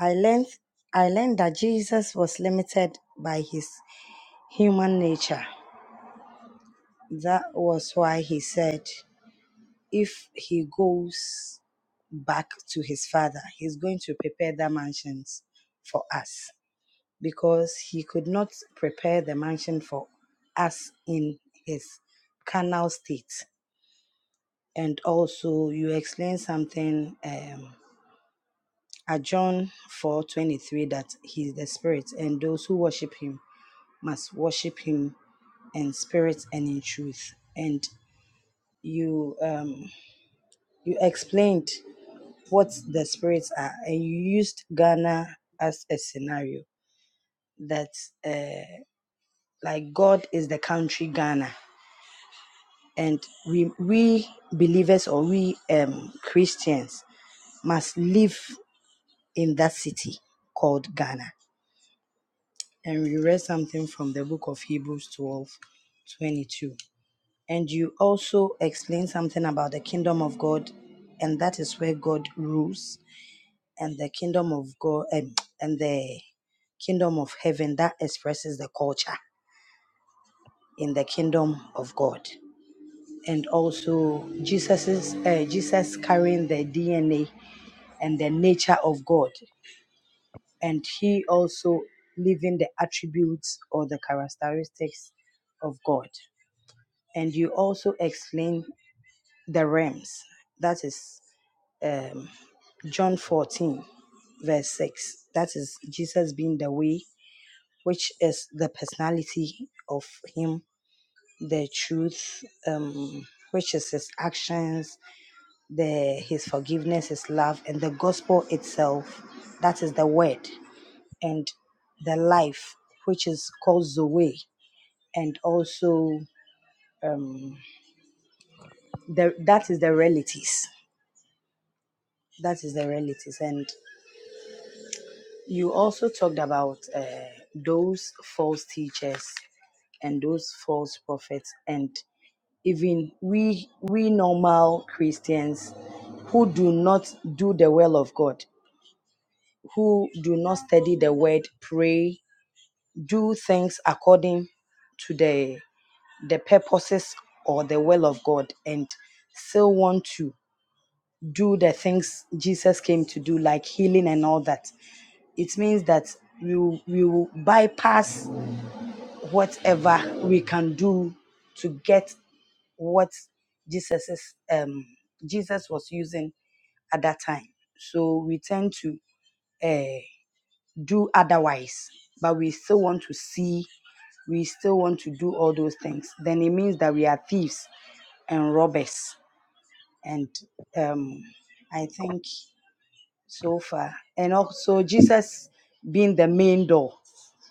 I learned I learned that Jesus was limited by his human nature. That was why he said if he goes back to his father, he's going to prepare the mansions for us because he could not prepare the mansion for us in his carnal state. And also, you explained something. Um, at John 4:23 that he's the spirit and those who worship him must worship him in spirit and in truth. And you um you explained what the spirits are and you used ghana as a scenario that uh like god is the country ghana and we we believers or we um christians must live in that city called ghana and we read something from the book of hebrews 12 22, and you also explained something about the kingdom of god and that is where god rules and the kingdom of God um, and the kingdom of heaven that expresses the culture in the kingdom of God. And also Jesus's uh, Jesus carrying the DNA and the nature of God, and he also living the attributes or the characteristics of God. And you also explain the realms. That is um, John 14, verse 6. That is Jesus being the way, which is the personality of him, the truth, um, which is his actions, the his forgiveness, his love, and the gospel itself. That is the word and the life, which is called Zoe, and also um, the that is the realities. That is the realities, and you also talked about uh, those false teachers and those false prophets and even we we normal Christians who do not do the will of God, who do not study the word, pray, do things according to the the purposes or the will of God and still want to do the things Jesus came to do like healing and all that. It means that you you bypass whatever we can do to get what Jesus is, um, Jesus was using at that time. So we tend to uh, do otherwise, but we still want to see, we still want to do all those things. Then it means that we are thieves and robbers. And um, I think so far. And also Jesus being the main door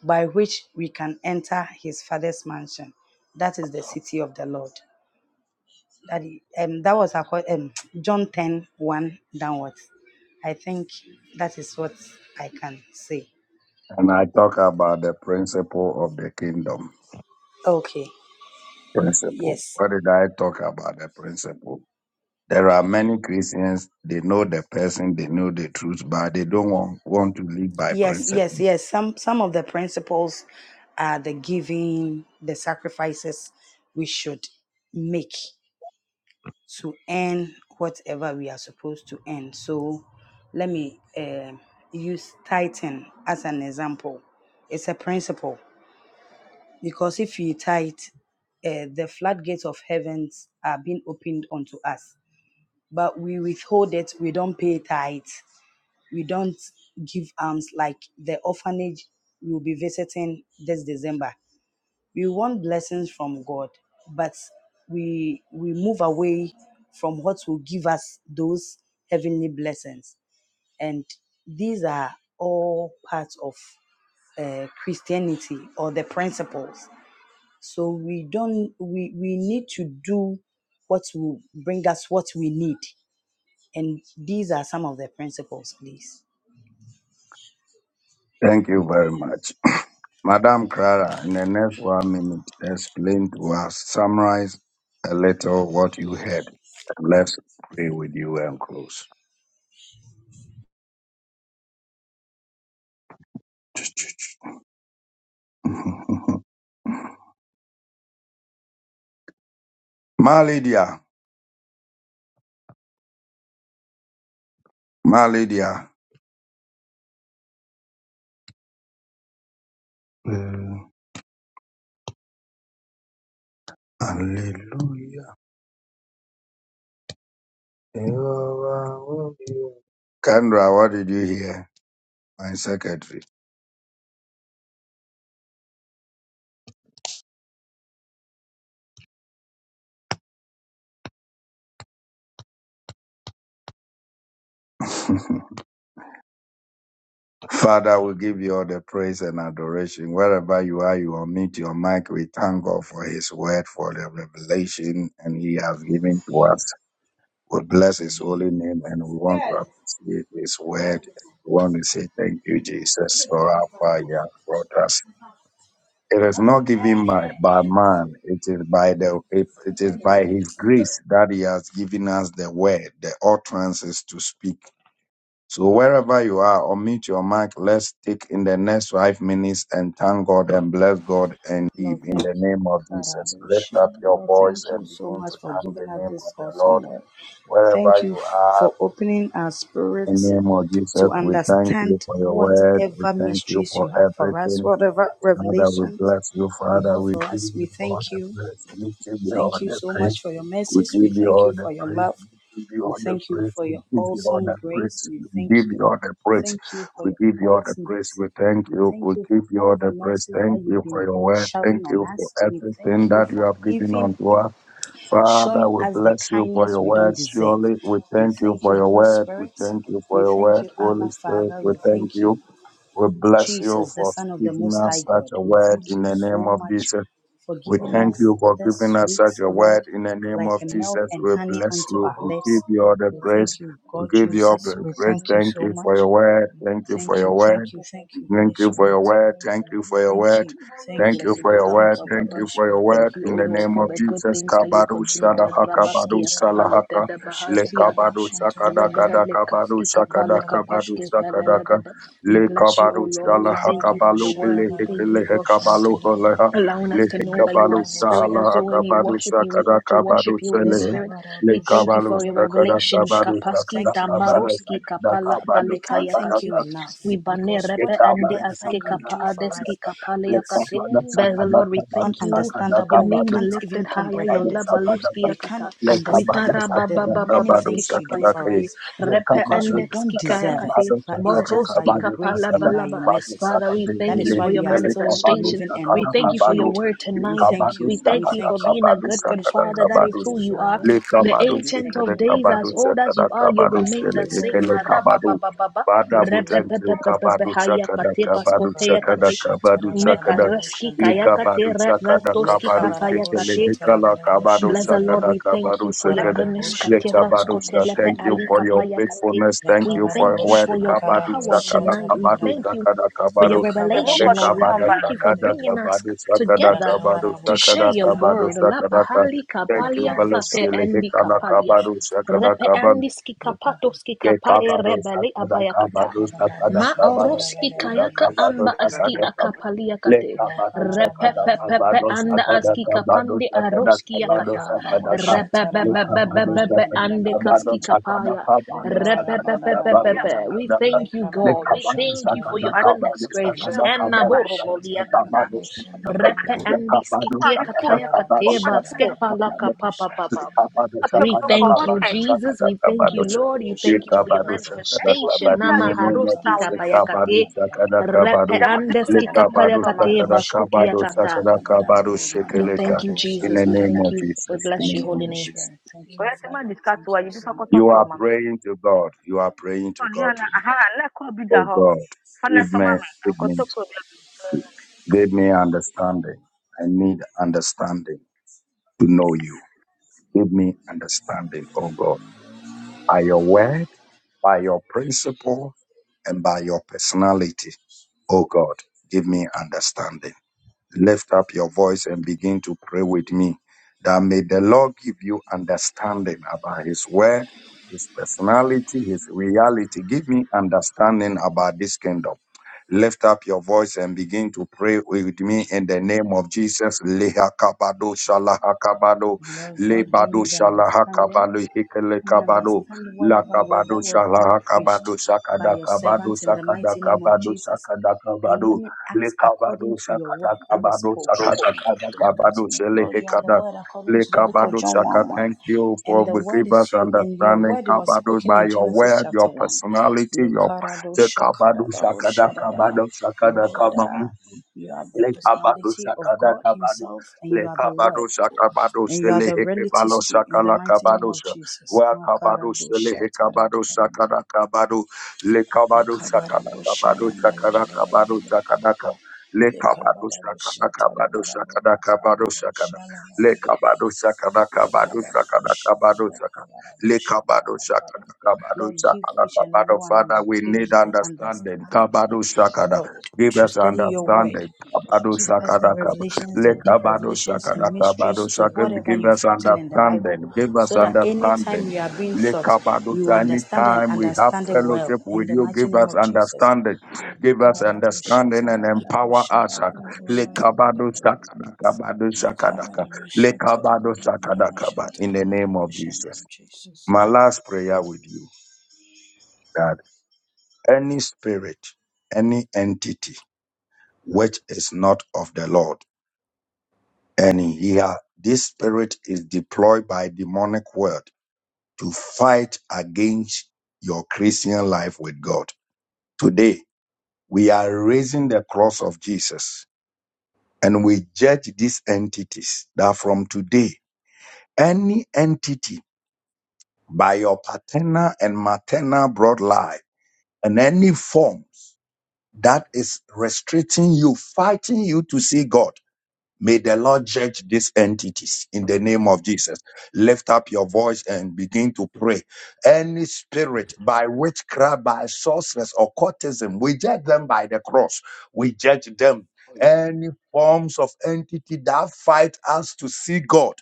by which we can enter his father's mansion. That is the city of the Lord. That, um, that was acco- um, John ten one downwards. I think that is what I can say.
And I talk about the principle of the kingdom.
Okay.
Principle.
Yes.
What did I talk about? The principle. There are many Christians, they know the person, they know the truth, but they don't want, want to live by
Yes,
principle.
yes, yes. Some some of the principles are the giving, the sacrifices we should make. to earn whatever we are supposed to earn. So let me eh, use tithing as an example. It's a principle because if we tithe, uh, the floodgates of heavens are being opened unto us. But we withhold it, we don't pay tithe, we don't give alms like the orphanage we will be visiting this December we want blessings from God, but we we move away from what will give us those heavenly blessings. And these are all parts of uh, Christianity or the principles. So we don't we we need to do what will bring us what we need. And these are some of the principles, please.
Thank you very much. Madam Clara, in the next one minute, explain to us, summarize a little what you heard. Let's pray with you and close. Ma Lydia, Ma Lydia. Mm, Hallelujah. Jehovah, what do Kendra, what did you hear? My secretary. Father, we give you all the praise and adoration. Wherever you are, you unmute your mic. We thank God for his word, for the revelation, and he has given to us. We bless his holy name and we want to appreciate his word. We want to say thank you, Jesus, for our fire brought us. It is not given by, by man. It is by the, it, it is by his grace that he has given us the word, the utterances to speak. So wherever you are, unmute your mic. Let's take in the next five minutes and thank God and bless God and give
Lord,
in
thank
the name
you,
of Jesus. Lift
Karadosh.
up your
Lord,
voice
thank you
and
so
begin
much
to
for
thank the
giving us
name of
this
the
awesome
Lord.
word. Thank
Wherever
you
you
f-
are,
for opening our
in the
spirits
name of Jesus,
to
we thank you
understand
for your word. We
whatever
thank you
mysteries
for
you have for us,
everything.
whatever
Father, we
revelations
bless you,
you
Father.
have
We
for
give
us. We
you all
thank
the
you.
praise. We give you all
Thank you
the
so
praise.
much for your
We
message. We
give you
thank
all
you
the
for your
praise.
love.
We give you
We
all the
thank you
praise.
for
We
your
give you all
awesome
the
grace.
praise.
We
We
thank
give
you.
you all the praise.
Thank you for
We
your
give you all the
ultimate.
praise. We thank
We
you. We
thank you for
give you
all
all
the
the praise.
mercies that
Thank
you've
you for
been
your word. Thank
showering on
you for
us. We
everything
thank you
that you
for
have given
even
unto us. Father,
showing
we
us the
bless you for
kindness
your
we
word.
don't deserve.
Surely we
We
thank you
thank
for
you,
your
Holy
word. We
Spirit.
thank you
We
for your
thank
word.
you, Abba
Holy Spirit,
Father.
we
We
thank
thank you.
you. We bless you
Jesus, the
for
Son of the
giving
Most High
us such
emphasis
God.
a
We
on
word
gendered
thank
in
you
the name
so
of
much
Jesus.
for
We
giving
thank
us
you for
this
giving us
sweet
such a
word
word in the name
like a
of
milk
Jesus.
and
We
honey
bless
unto
you.
our
We give
lips.
you all the
We
praise.
thank you,
We
God
give you all
Jesus.
the
We
praise.
thank you
Thank
so
you for your
much.
word. Thank you for
Thank
your
you,
word.
thank you, thank you, Holy
Thank
representation
you
to
for your
Spirit.
word.
understand
Thank
that
you for your
life
Thank
word.
you,
you,
thank
Thank
you,
bless
you
blessed
for
Lord.
your
Abba,
thank
word.
Abba,
you,
Thank
Abba.
Holy
you for your
Spirit.
word.
Thank you, O
In the
Thank
Lord,
you.
name
for
of
the good
Jesus.
things that you
Kabadu
continue to
shalaha kabadu
Rabaskia Kapaleta
shalahaka. Le
Dabahasiata.
kabadu
We
shakadaka
Makarabushatarabarabarabusharabarabushantarabarabu.
da kabadu shakada kabadu shakadaka.
Makarabushatarabarabarabu.
Le
bless you, O
kabadu
Lord,
Lord. We
shalaha
thank
thank you for your
kabalu
word. We
bilehe
thank you
kilehe
for
kabalu
allowing us to
leke
know that you are
kabalu
spirit.
sahala
And so when we
akabalu
worship you, we
sakada
ought to
kabalu
worship you in
sele
spirit.
le
We thank you
kabalu
for your
sakada
revelation.
kabalu
Kapaski
sakada
you, thank
kabalu
you.
Damaroski
sakada
Kapala
kabalu
We can't thank
Balekayakati.
you
sakada
enough
We bane
because
Le
repe
whatever
and the
Lekabados, Lekabados,
aske
you
kapa
do for
adeski
us, it's
kapaleakate.
so
Bless the Lord, we thank you. Your
ununderstandable. We
name be
can't
lifted
even
higher. Your
comprehend it.
labaluski
We
akata.
can't
We
understand
tara
the
baba baba
many
baski
things you do for
kapayakati,
us
repe
because we
endex
don't deserve it.
kikayakati,
But it's just by
moroski
your grace
kapala
and by your
balaba.
mercies.
Father, we
That
thank you
is
for
why
your
we are still
manifestation.
living and
We
not
thank you for your
consumed.
word
We
tonight.
thank
We
you. We
thank you for
thank you.
being a good,
Holy
good
Spirit,
father.
we
That is
thank you
who you
so
are.
much.
The
We
ancient
thank
of
opens
you.
days, as
people
Lekabados,
to
old as you
every
are, you
other
Lekabados,
remain the same. Maraba
Lekabados,
baba baba.
We
Father, we
Repe
thank
Marababababa,
thank
you.
experience,
you.
repepepepepepe,
Kabadu chakada,
hayakate,
Thank you,
kabadu chakada,
paskoteyakate.
Karabusha,
kabadu chakada.
Tarabarabara,
Mekareski
Bushan, Tarabara,
Likabadu
kayakate,
chakada,
ratoski
kabadu chakada,
Lekabarabusha,
kapayakate,
hikala, kabadu
Bless the Lord,
chakada,
Tarabarabusha,
we thank
kabadu
you for your
chakada.
goodness.
yakafunzwe
Karadabusha
Kateras
Likabadu chakada.
Tarabadabusha
kotelepe
Thank you
alika
for
Dadabadaba.
your
payakate.
meaningful
faithfulness. Thank
We
you for
thank
your
you
word.
Lekabadabusha
for your
things
Kabadu
to
power
Lakaradusha
chakada,
understand
tonight. We
kabadu
Tarabadabu.
thank you
chakada,
for your
kabadu.
semuko
revelation, Lord.
Lekabadabusha
We
Likabada
tugomba
thank you for
chakada,
Dadabadabadabadab.
bringing us
kabadu chakada,
together
kabadu
to
Lakabadabusha
share
chakada,
your
kabadu
word.
Tarabadaba.
La
chakada.
pahali
Thank you,
kapalia
Lekabadaba
sate
Balusili,
endi
hikala,
kapalia.
kabadu
Lakabadabusha
chakada,
Repe
Tarabadaba.
kabadu.
andiski
Lekaha.
kapatoski
Ye
kapae
kabaro
rebele
sakada
abayakata.
kabaro sakada
Ma
Lekabadabusha
kabada
oroski
sakada
kayaka
Tarabadabadabusha
kabado
amba aski
sakada
Tarabadaba.
ebisobanuro
kab.
akapali
Le
yakate.
kabado sakada
Repepepepe
kabado
Lakabadabadabadabusha
anda
sakada
aski
Tarabadaba.
kabado
kapande
sakada
aroski
kabado
yakata.
sakada kab.
Lekabadabusha
Le
Tarabadaba.
kabado
Rebebebebebebe
sakada
ande
kabado
kaski
Randadabadabadaba.
sakada
kapaya.
kabado sakada kabado
Repepepepepepe.
Lekabarabarabarabaraba.
We
sakada kab.
thank you,
Le
God. We
kabado
thank you for
sakada
your
Lekabaraboshantarabarabe.
goodness,
kabado
gracious.
watiriye
sakada
Hanna
kabado
borobo
gwanze
sakada
liyakata.
kabado sakada kab.
Repe
Lekabaraboshantarabaraboshindarabaraba.
Le
andi
kabado
skikia
kwami
sakada
kataya
fulfa
kabado
kateba
ofatuwo
sakada
skepa
kabado
laka papa papa.
Lekabarabosharabarabaraboshantarabarabe.
Lekabado
ocho
We
shakada
boko
thank you,
boten
kabado
Jesus.
shakada
We thank
kabado
you,
shakada.
Lord. We thank you for your
Lekabado
Lekabarabarabaraboshantarabarabaraba.
shakada
ni
manifestation.
kabado
sade
nene
boten
Namaharoski
nene
tawo dewo
shakabado
kapayakate,
Lekabarabarabarabarabaraba.
shakada
repe
kabado.
ida boten fina
andeski
to fun mi
Lekabado
so mami
kapayakate,
shakada
baskuki
kabado
yakata.
shakada kabado
We
and
shekeleka.
thank you,
In
Jesus.
the
We
name
thank
of
Lekabarabarabaraboshantarabarabaraba.
you. We
Jesus, in
bless
the
Thank
your
name
you,
of
holy
Holy
name.
Jesus.
Spirit. Thank
ko
you,
yesi ma
Father.
discuss
Thank
wa
you,
yibi fa ko
Son.
to
You
kro
are
mami
praying to God. You are praying
so
to
ni
God
ala aha
tonight.
na ko bi da
Oh
ho
God,
fa na
give
so
me,
mami an
give
ko
me,
to kro
give me understanding. I need understanding to know you. Give me understanding, oh God. Are you aware? by your principle and by your personality. Oh God, give me understanding. Lift up your voice and begin to pray with me that may the Lord give you understanding about his word, his personality, his reality. Give me understanding about this kingdom. Lift up your voice and begin to pray with me in the name of Jesus. Lehakabado shalahakabado
Lord God, give me
lebado
the understanding
shalahakabado
We
hikelekabado
understand whatever word that
lakabado
was being preached
shalahakabado
by your
sakadakabado
servant in the mighty name of
sakadakabado
Jesus. And let
sakadakabado
me act according
lekabado
to your word that was
sakadakabado
spoken. In the mighty
sakadakabado
name of Lord, you are the
shelehekada
word according to the book of
lekabado
John
shaka.
1 1.
Thank you
And
for
the word
giving
is
us
you, and your
understanding,
word was
kabado,
spoken
by
in
your
Genesis
word,
chapter
your
1.
personality, your Te kabado shakada
Likaradoshakaradaboshadadaba.
kabado shakada
Lord,
kabam.
uh, you are the
Le kabado
personality of
sakada
God
kabado.
Himself, and you
Le
are the
kabado
word
sakabado
and you are
sele
the
heke balo
relatives too in the
sakala
mighty
kabado
name of
sa.
Jesus.
Wa kabado
Makara do
sele he
shatara da
kabado
da bana.
sakada kabado. Le kabado
Lekabara
sakada
bo
kabado
shayanda la da
sakada
da da da da
kabado sakada kab. Le kabado
Lekabara do
sakada
shatara
kabado
da da bo
sakada
akara
kabado
do
sakada.
shala da
Le
da bo.
kabado sakada kabado sakada kabado sakada. Le kabado sakada kabado
Lord, give
sakada
each and
kabado.
everyone on
Father,
the
we need
page the
understanding. Kabado
understanding,
sakada.
Lord,
Give
to
us
study your
all of
word.
understanding. Bado
Give
understand
us the
Sakadakaba.
life
revelations, the
as a
deep
Lekabado
process,
revelations
time,
and
Sakadakabado
mysteries to
and
Sakab.
role,
whatever
Give
you've
us
written in the Bible,
understanding. Give us
so that anytime we
understanding.
are being taught,
Lekabado
you understand and
Anytime we have
understand it well.
fellowship
In
with
the
you,
mighty
give
name
us
of Jesus.
understanding. Give us
national,
understanding and empower us.
and online, and
Lekabado
learning.
Sakadakabado
Cover
Sakadaka.
the motion to the
Lekabado
bottom of the
Sakadakaba.
motion to
In
the
the name of
motion
Jesus.
of
My
Jesus.
last prayer with you that any spirit, any entity which is not of the Lord and here this spirit is deployed by demonic world to fight against your Christian life with God. Today, we are raising the cross of Jesus and we judge these entities that from today, any entity by your paternal and maternal bloodline and any forms that is restricting you, fighting you to see God May the Lord judge these entities in the name of Jesus. Lift up your voice and begin to pray. Any spirit by witchcraft, by sorceress, occultism, we judge them by the cross. We judge them. Any forms of entity that fight us to see God,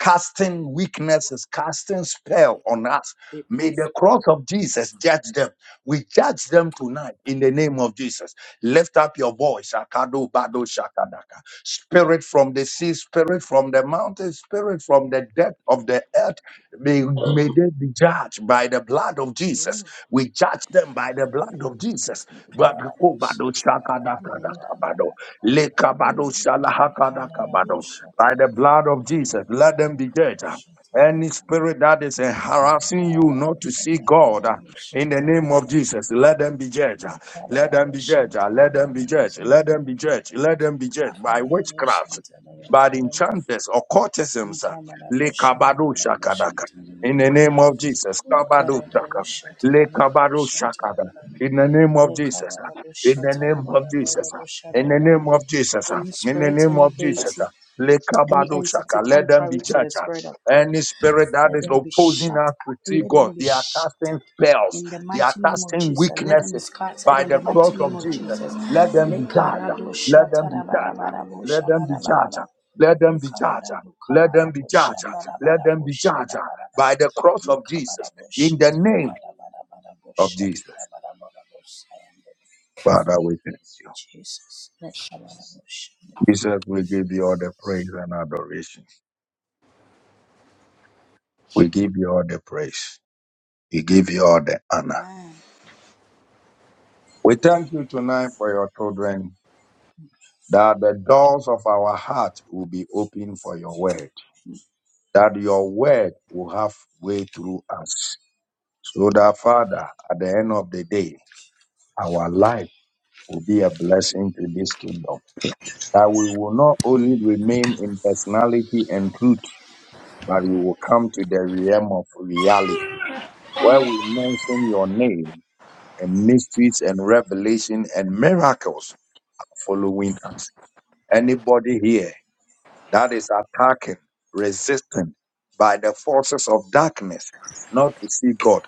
casting weaknesses, casting spell on us. May the cross of Jesus judge them. We judge them tonight in the name of Jesus. Lift up your voice. Akado bado shakadaka. Spirit from the sea, spirit from the mountain, spirit from the depth of the earth, may, may they be judged by the blood of Jesus. We judge them by the blood of Jesus. But
Cover the
Kobado
motion to the bottom of a
For
Shakadakadakabado,
shutter about a
Lekabado
the Cover the
Shalahakadakabado.
motion to
By
the
the blood of Jesus,
bottom
let them
Cover
be judged. Any spirit that is harassing you
the
not to
motion
see
to the
God uh,
bottom
in the name of Jesus, let them be judged.
Cover
Let
the
them be judged.
motion to
ah,
the bottom motion to the bottom Cover the motion to the
Let them
bottom
be judged.
motion to
Let
the Cover the motion to the Cover the motion to the bottom
them be judged. Let them be judged by
motion to the Cover the motion to the bottom
witchcraft,
motion
by the enchanters, occultisms. ah, Lekabado shakadaka. In the name of Jesus. Kabado shaka. Lekabado
to the
shakada. In the name of Jesus. ah, In the name of Jesus. ah, In the
Lekabarabushatarabarabarabusharabaraba.
name of Jesus. ah,
Any
In the
spirit,
name
any
of Jesus.
deity,
ah,
any
Lekabado
entity
shaka. Let them be
contrary to the
judged. ah.
spirit of God,
Any spirit that
let
is
them be shut
opposing us to
up,
see
let
God,
them be
they are
shattered
casting spells.
in the
They are
mighty name of
casting
Jesus. Let them
weaknesses
be scattered
by
in
the
the
cross
mighty name
of
of
Jesus.
Jesus.
Let them be judged. Let them be judged. Let them be judged.
Lekaradoshatarabarabarabushalabaraba.
Let them be judged. Let them be judged. Let them be judged
Lekabarabukabarabushalabarabushabarabarabaraba.
by the cross of Jesus in the name of Jesus.
Lekabarabushataradarabarabarabushataradarabarabusayanda.
Father, we thank
Jesus. Lekabarabushande.
you. Jesus, we give you all the praise and adoration. We give you all the praise. We give you all the honor.
Amen.
We thank you tonight for your children, that the doors of our heart will be open for your word, that your word will have way through us So that, Father, at the end of the day, our life will be a blessing to this kingdom. That we will not only remain in personality and truth, but we will come to the realm of reality, where we mention your name and mysteries and revelation and miracles following us. Anybody here that is attacking, resisting by the forces of darkness, not to see God.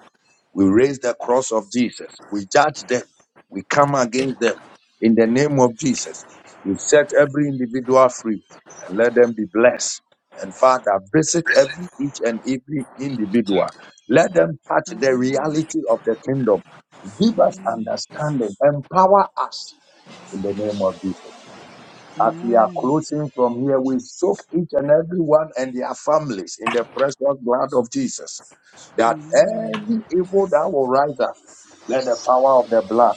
We raise the cross of Jesus. We judge them. We come against them in the name of Jesus. We set every individual free and let them be blessed. And Father, visit every each and every individual. Let them touch the
Amen.
reality of the kingdom. Give us
Amen.
understanding. Empower us in the name of Jesus. As we are
Amen.
closing from here, we soak each and every one and their families in the precious blood of Jesus. That
Amen.
any evil that will rise up let the power of the blood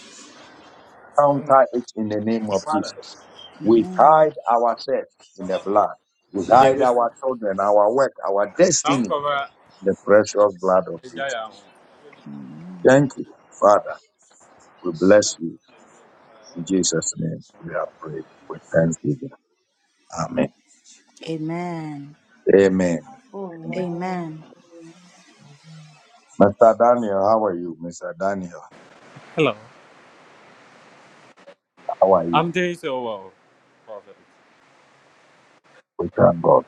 counter it in the name of Jesus. We hide ourselves in the blood. We hide our children, our work, our destiny in the precious blood of Jesus. Thank you, Father. We bless you. In Jesus' name, we are prayed with thanksgiving. Amen.
Amen. Amen.
Amen. Amen.
Amen.
Amen.
Mr. Daniel, how are you? Mr. Daniel,
Hello.
how are you?
I'm doing so well, Prophet.
We thank God.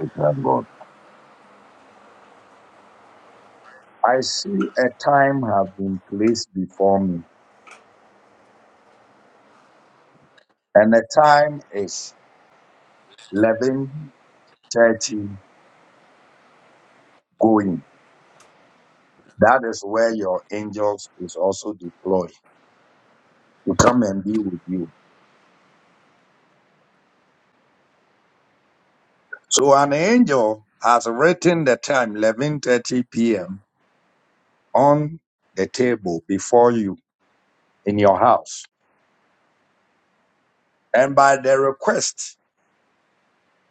We thank God. I see a time have been placed before me, and the time is eleven. 30 going. That is where your angels is also deployed to come and be with you. So an angel has written the time 11:30 p.m. on the table before you in your house. And the request,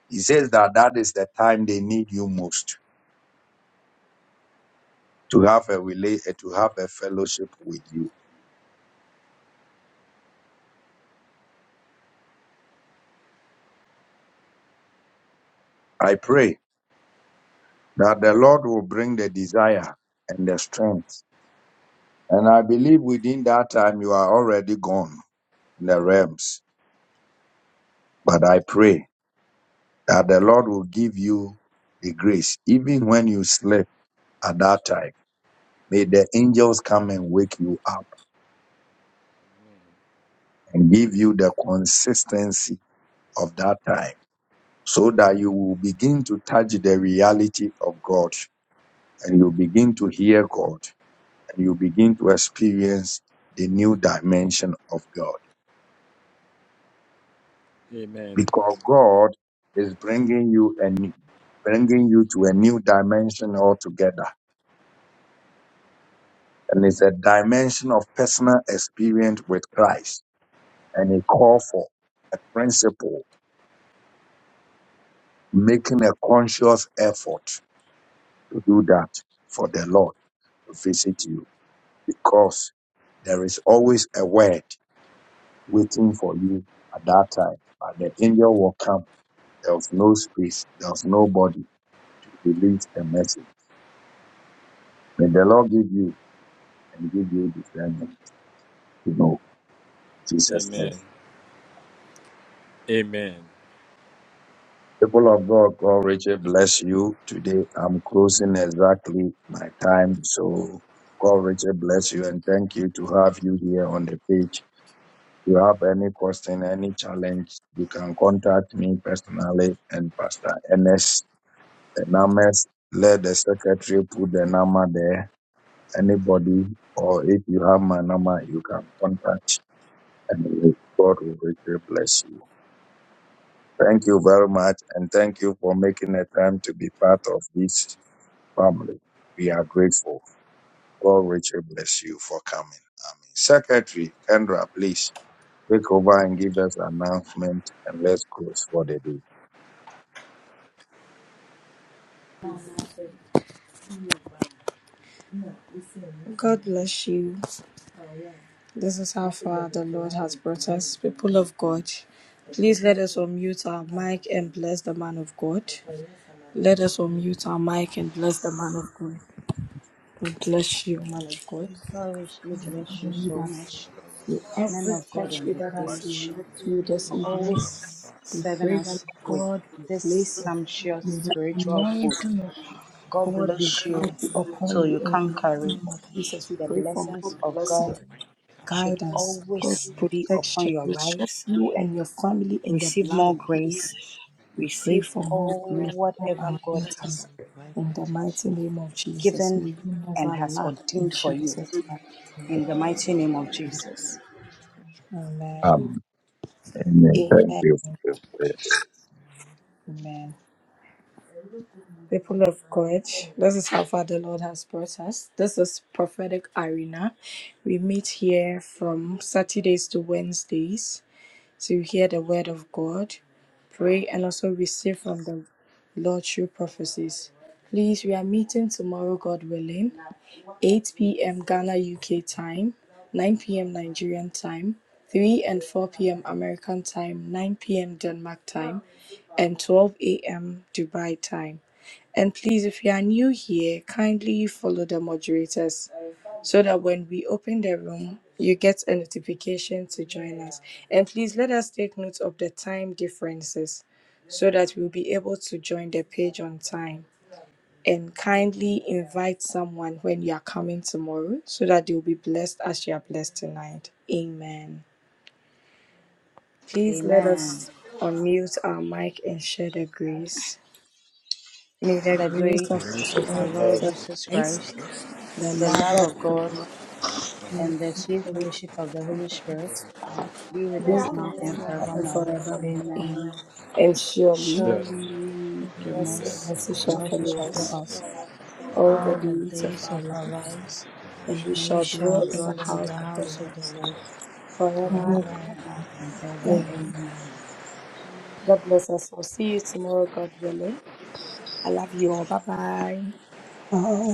he says that that is the time they need you most to have a, to have a ship with you. I pray that will bring the desire and the strength. And I believe within that time you are already gone in the realms. But I pray that the Lord will give you the grace, even when you sleep at that time. May the angels come and wake you up and give you the consistency of that time so that you will begin to touch the reality of God and you begin to hear God and you begin to experience the new dimension of God
Amen.
because God is bringing you a new, bringing you to a new dimension altogether and it's a dimension of personal experience with Christ and a call for a principle, making a conscious effort to do that for the Lord to visit you because there is always a word waiting for you at that time. But the angel will come. There was no space. There was nobody to release the message. May the Lord give you and give you discernment to know in Jesus' name.
Amen. Amen.
People of God, God richly bless you. Today I'm closing exactly my time. So God richly bless you and thank you to have you here on the page. If you have any question, any challenge, you can contact me personally and Pastor Ernest. The numbers, let the secretary put the number there. Anybody, or if you have my number, you can contact and God will richly bless you. Thank you very much and thank you for making the time to be part of this family. We are grateful. God richly bless you for coming. Secretary Kendra, please take over and give us announcement and let's close for the day.
God bless you. This is how far the Lord has brought us, people of God. Please let us unmute our mic and bless the man of God. Let us unmute our mic and bless the man of God. God bless you, man of God.
God richly bless you
May
so
that
much,
may
men
every
of God on
virtue
the
that has
Bless
page,
your
left you
name,
this
for
your
Let's
evening,
see.
mind
The
always
of
we
serving
pray that
us with
God
this
replace it. May
sumptuous
the
spiritual food.
anointing of
God
man
God
of
be
bless
God,
you
mighty
God
upon
till
you
you
is
in the
can't
mighty
carry.
name of
great
Jesus. We
The
pray for more
blessings
and
of
blessings.
God
strength,
should
guidance,
our
God's
always be
anointing,
upon
protection.
your
We soak
lives
you and your family in the
receive
blood of
more
more
Jesus.
grace,
blessing.
We pray
receive
for more
all
grace,
Man of
more
God,
whatever
we
God
ask
anointing.
has
for your divine
In the mighty
protection
name of
for the man of
Jesus,
given
may
God and
you
his
and
never
has
family.
lack in
ordained for you.
Jesus' name.
In the mighty name of Jesus.
Protect the family,
Amen.
Um, amen.
Amen.
Thank you. for your prayers.
man.
Amen. People of God, this is how far the Lord has brought us. This is prophetic arena. We meet here from Saturdays to Wednesdays. to hear the word of God, pray, and also receive from the Lord through prophecies. Please, we are meeting tomorrow, God willing. 8 p.m. Ghana UK time, 9 p.m. Nigerian time, 3 and 4 p.m. American time, 9 p.m. Denmark time, and 12 a.m. Dubai time. And please, if you are new here, kindly follow the moderators so that when we open the room, you get a notification to join us. And please let us take note of the time differences so that we'll be able to join the page on time and kindly invite someone when you are coming tomorrow so that they will be blessed as you are blessed tonight. Amen. Please let
Amen.
us unmute our mic and share the grace. May the
The
grace of
fire.
grace
our
of our
Lord
Lord
Jesus
Yes,
Jesus
Christ,
Christ,
the
the
love
love of
of
God,
God, and the
and the
free
sweet fellowship
fellowship
of the
of
Holy
the Holy
Spirit
Spirit
be with
be
I love
us
you.
now
with us
and
now and
forevermore.
forevermore.
Amen.
Amen. And surely,
Sharon.
Surely
goodness and
Recognize
goodness
mercy
and
shall
information
mercy
from
shall
follow
the
us
follow us
process
long,
of
all the
all the
the
days
daily
of
days
It
our
of
is
our
life
for my
lives,
and we
and we
shall dwell
shall
in the
dwell in
family,
house
the
of
that
the
is
house
of
of
Lord
the
the
Lord
information
forever
With
from the
and
forever
ever.
Lord.
and ever.
a
Amen.
Amen.
Amen.
God bless us. We'll see you tomorrow, God willing. I love you all. Bye bye.
eye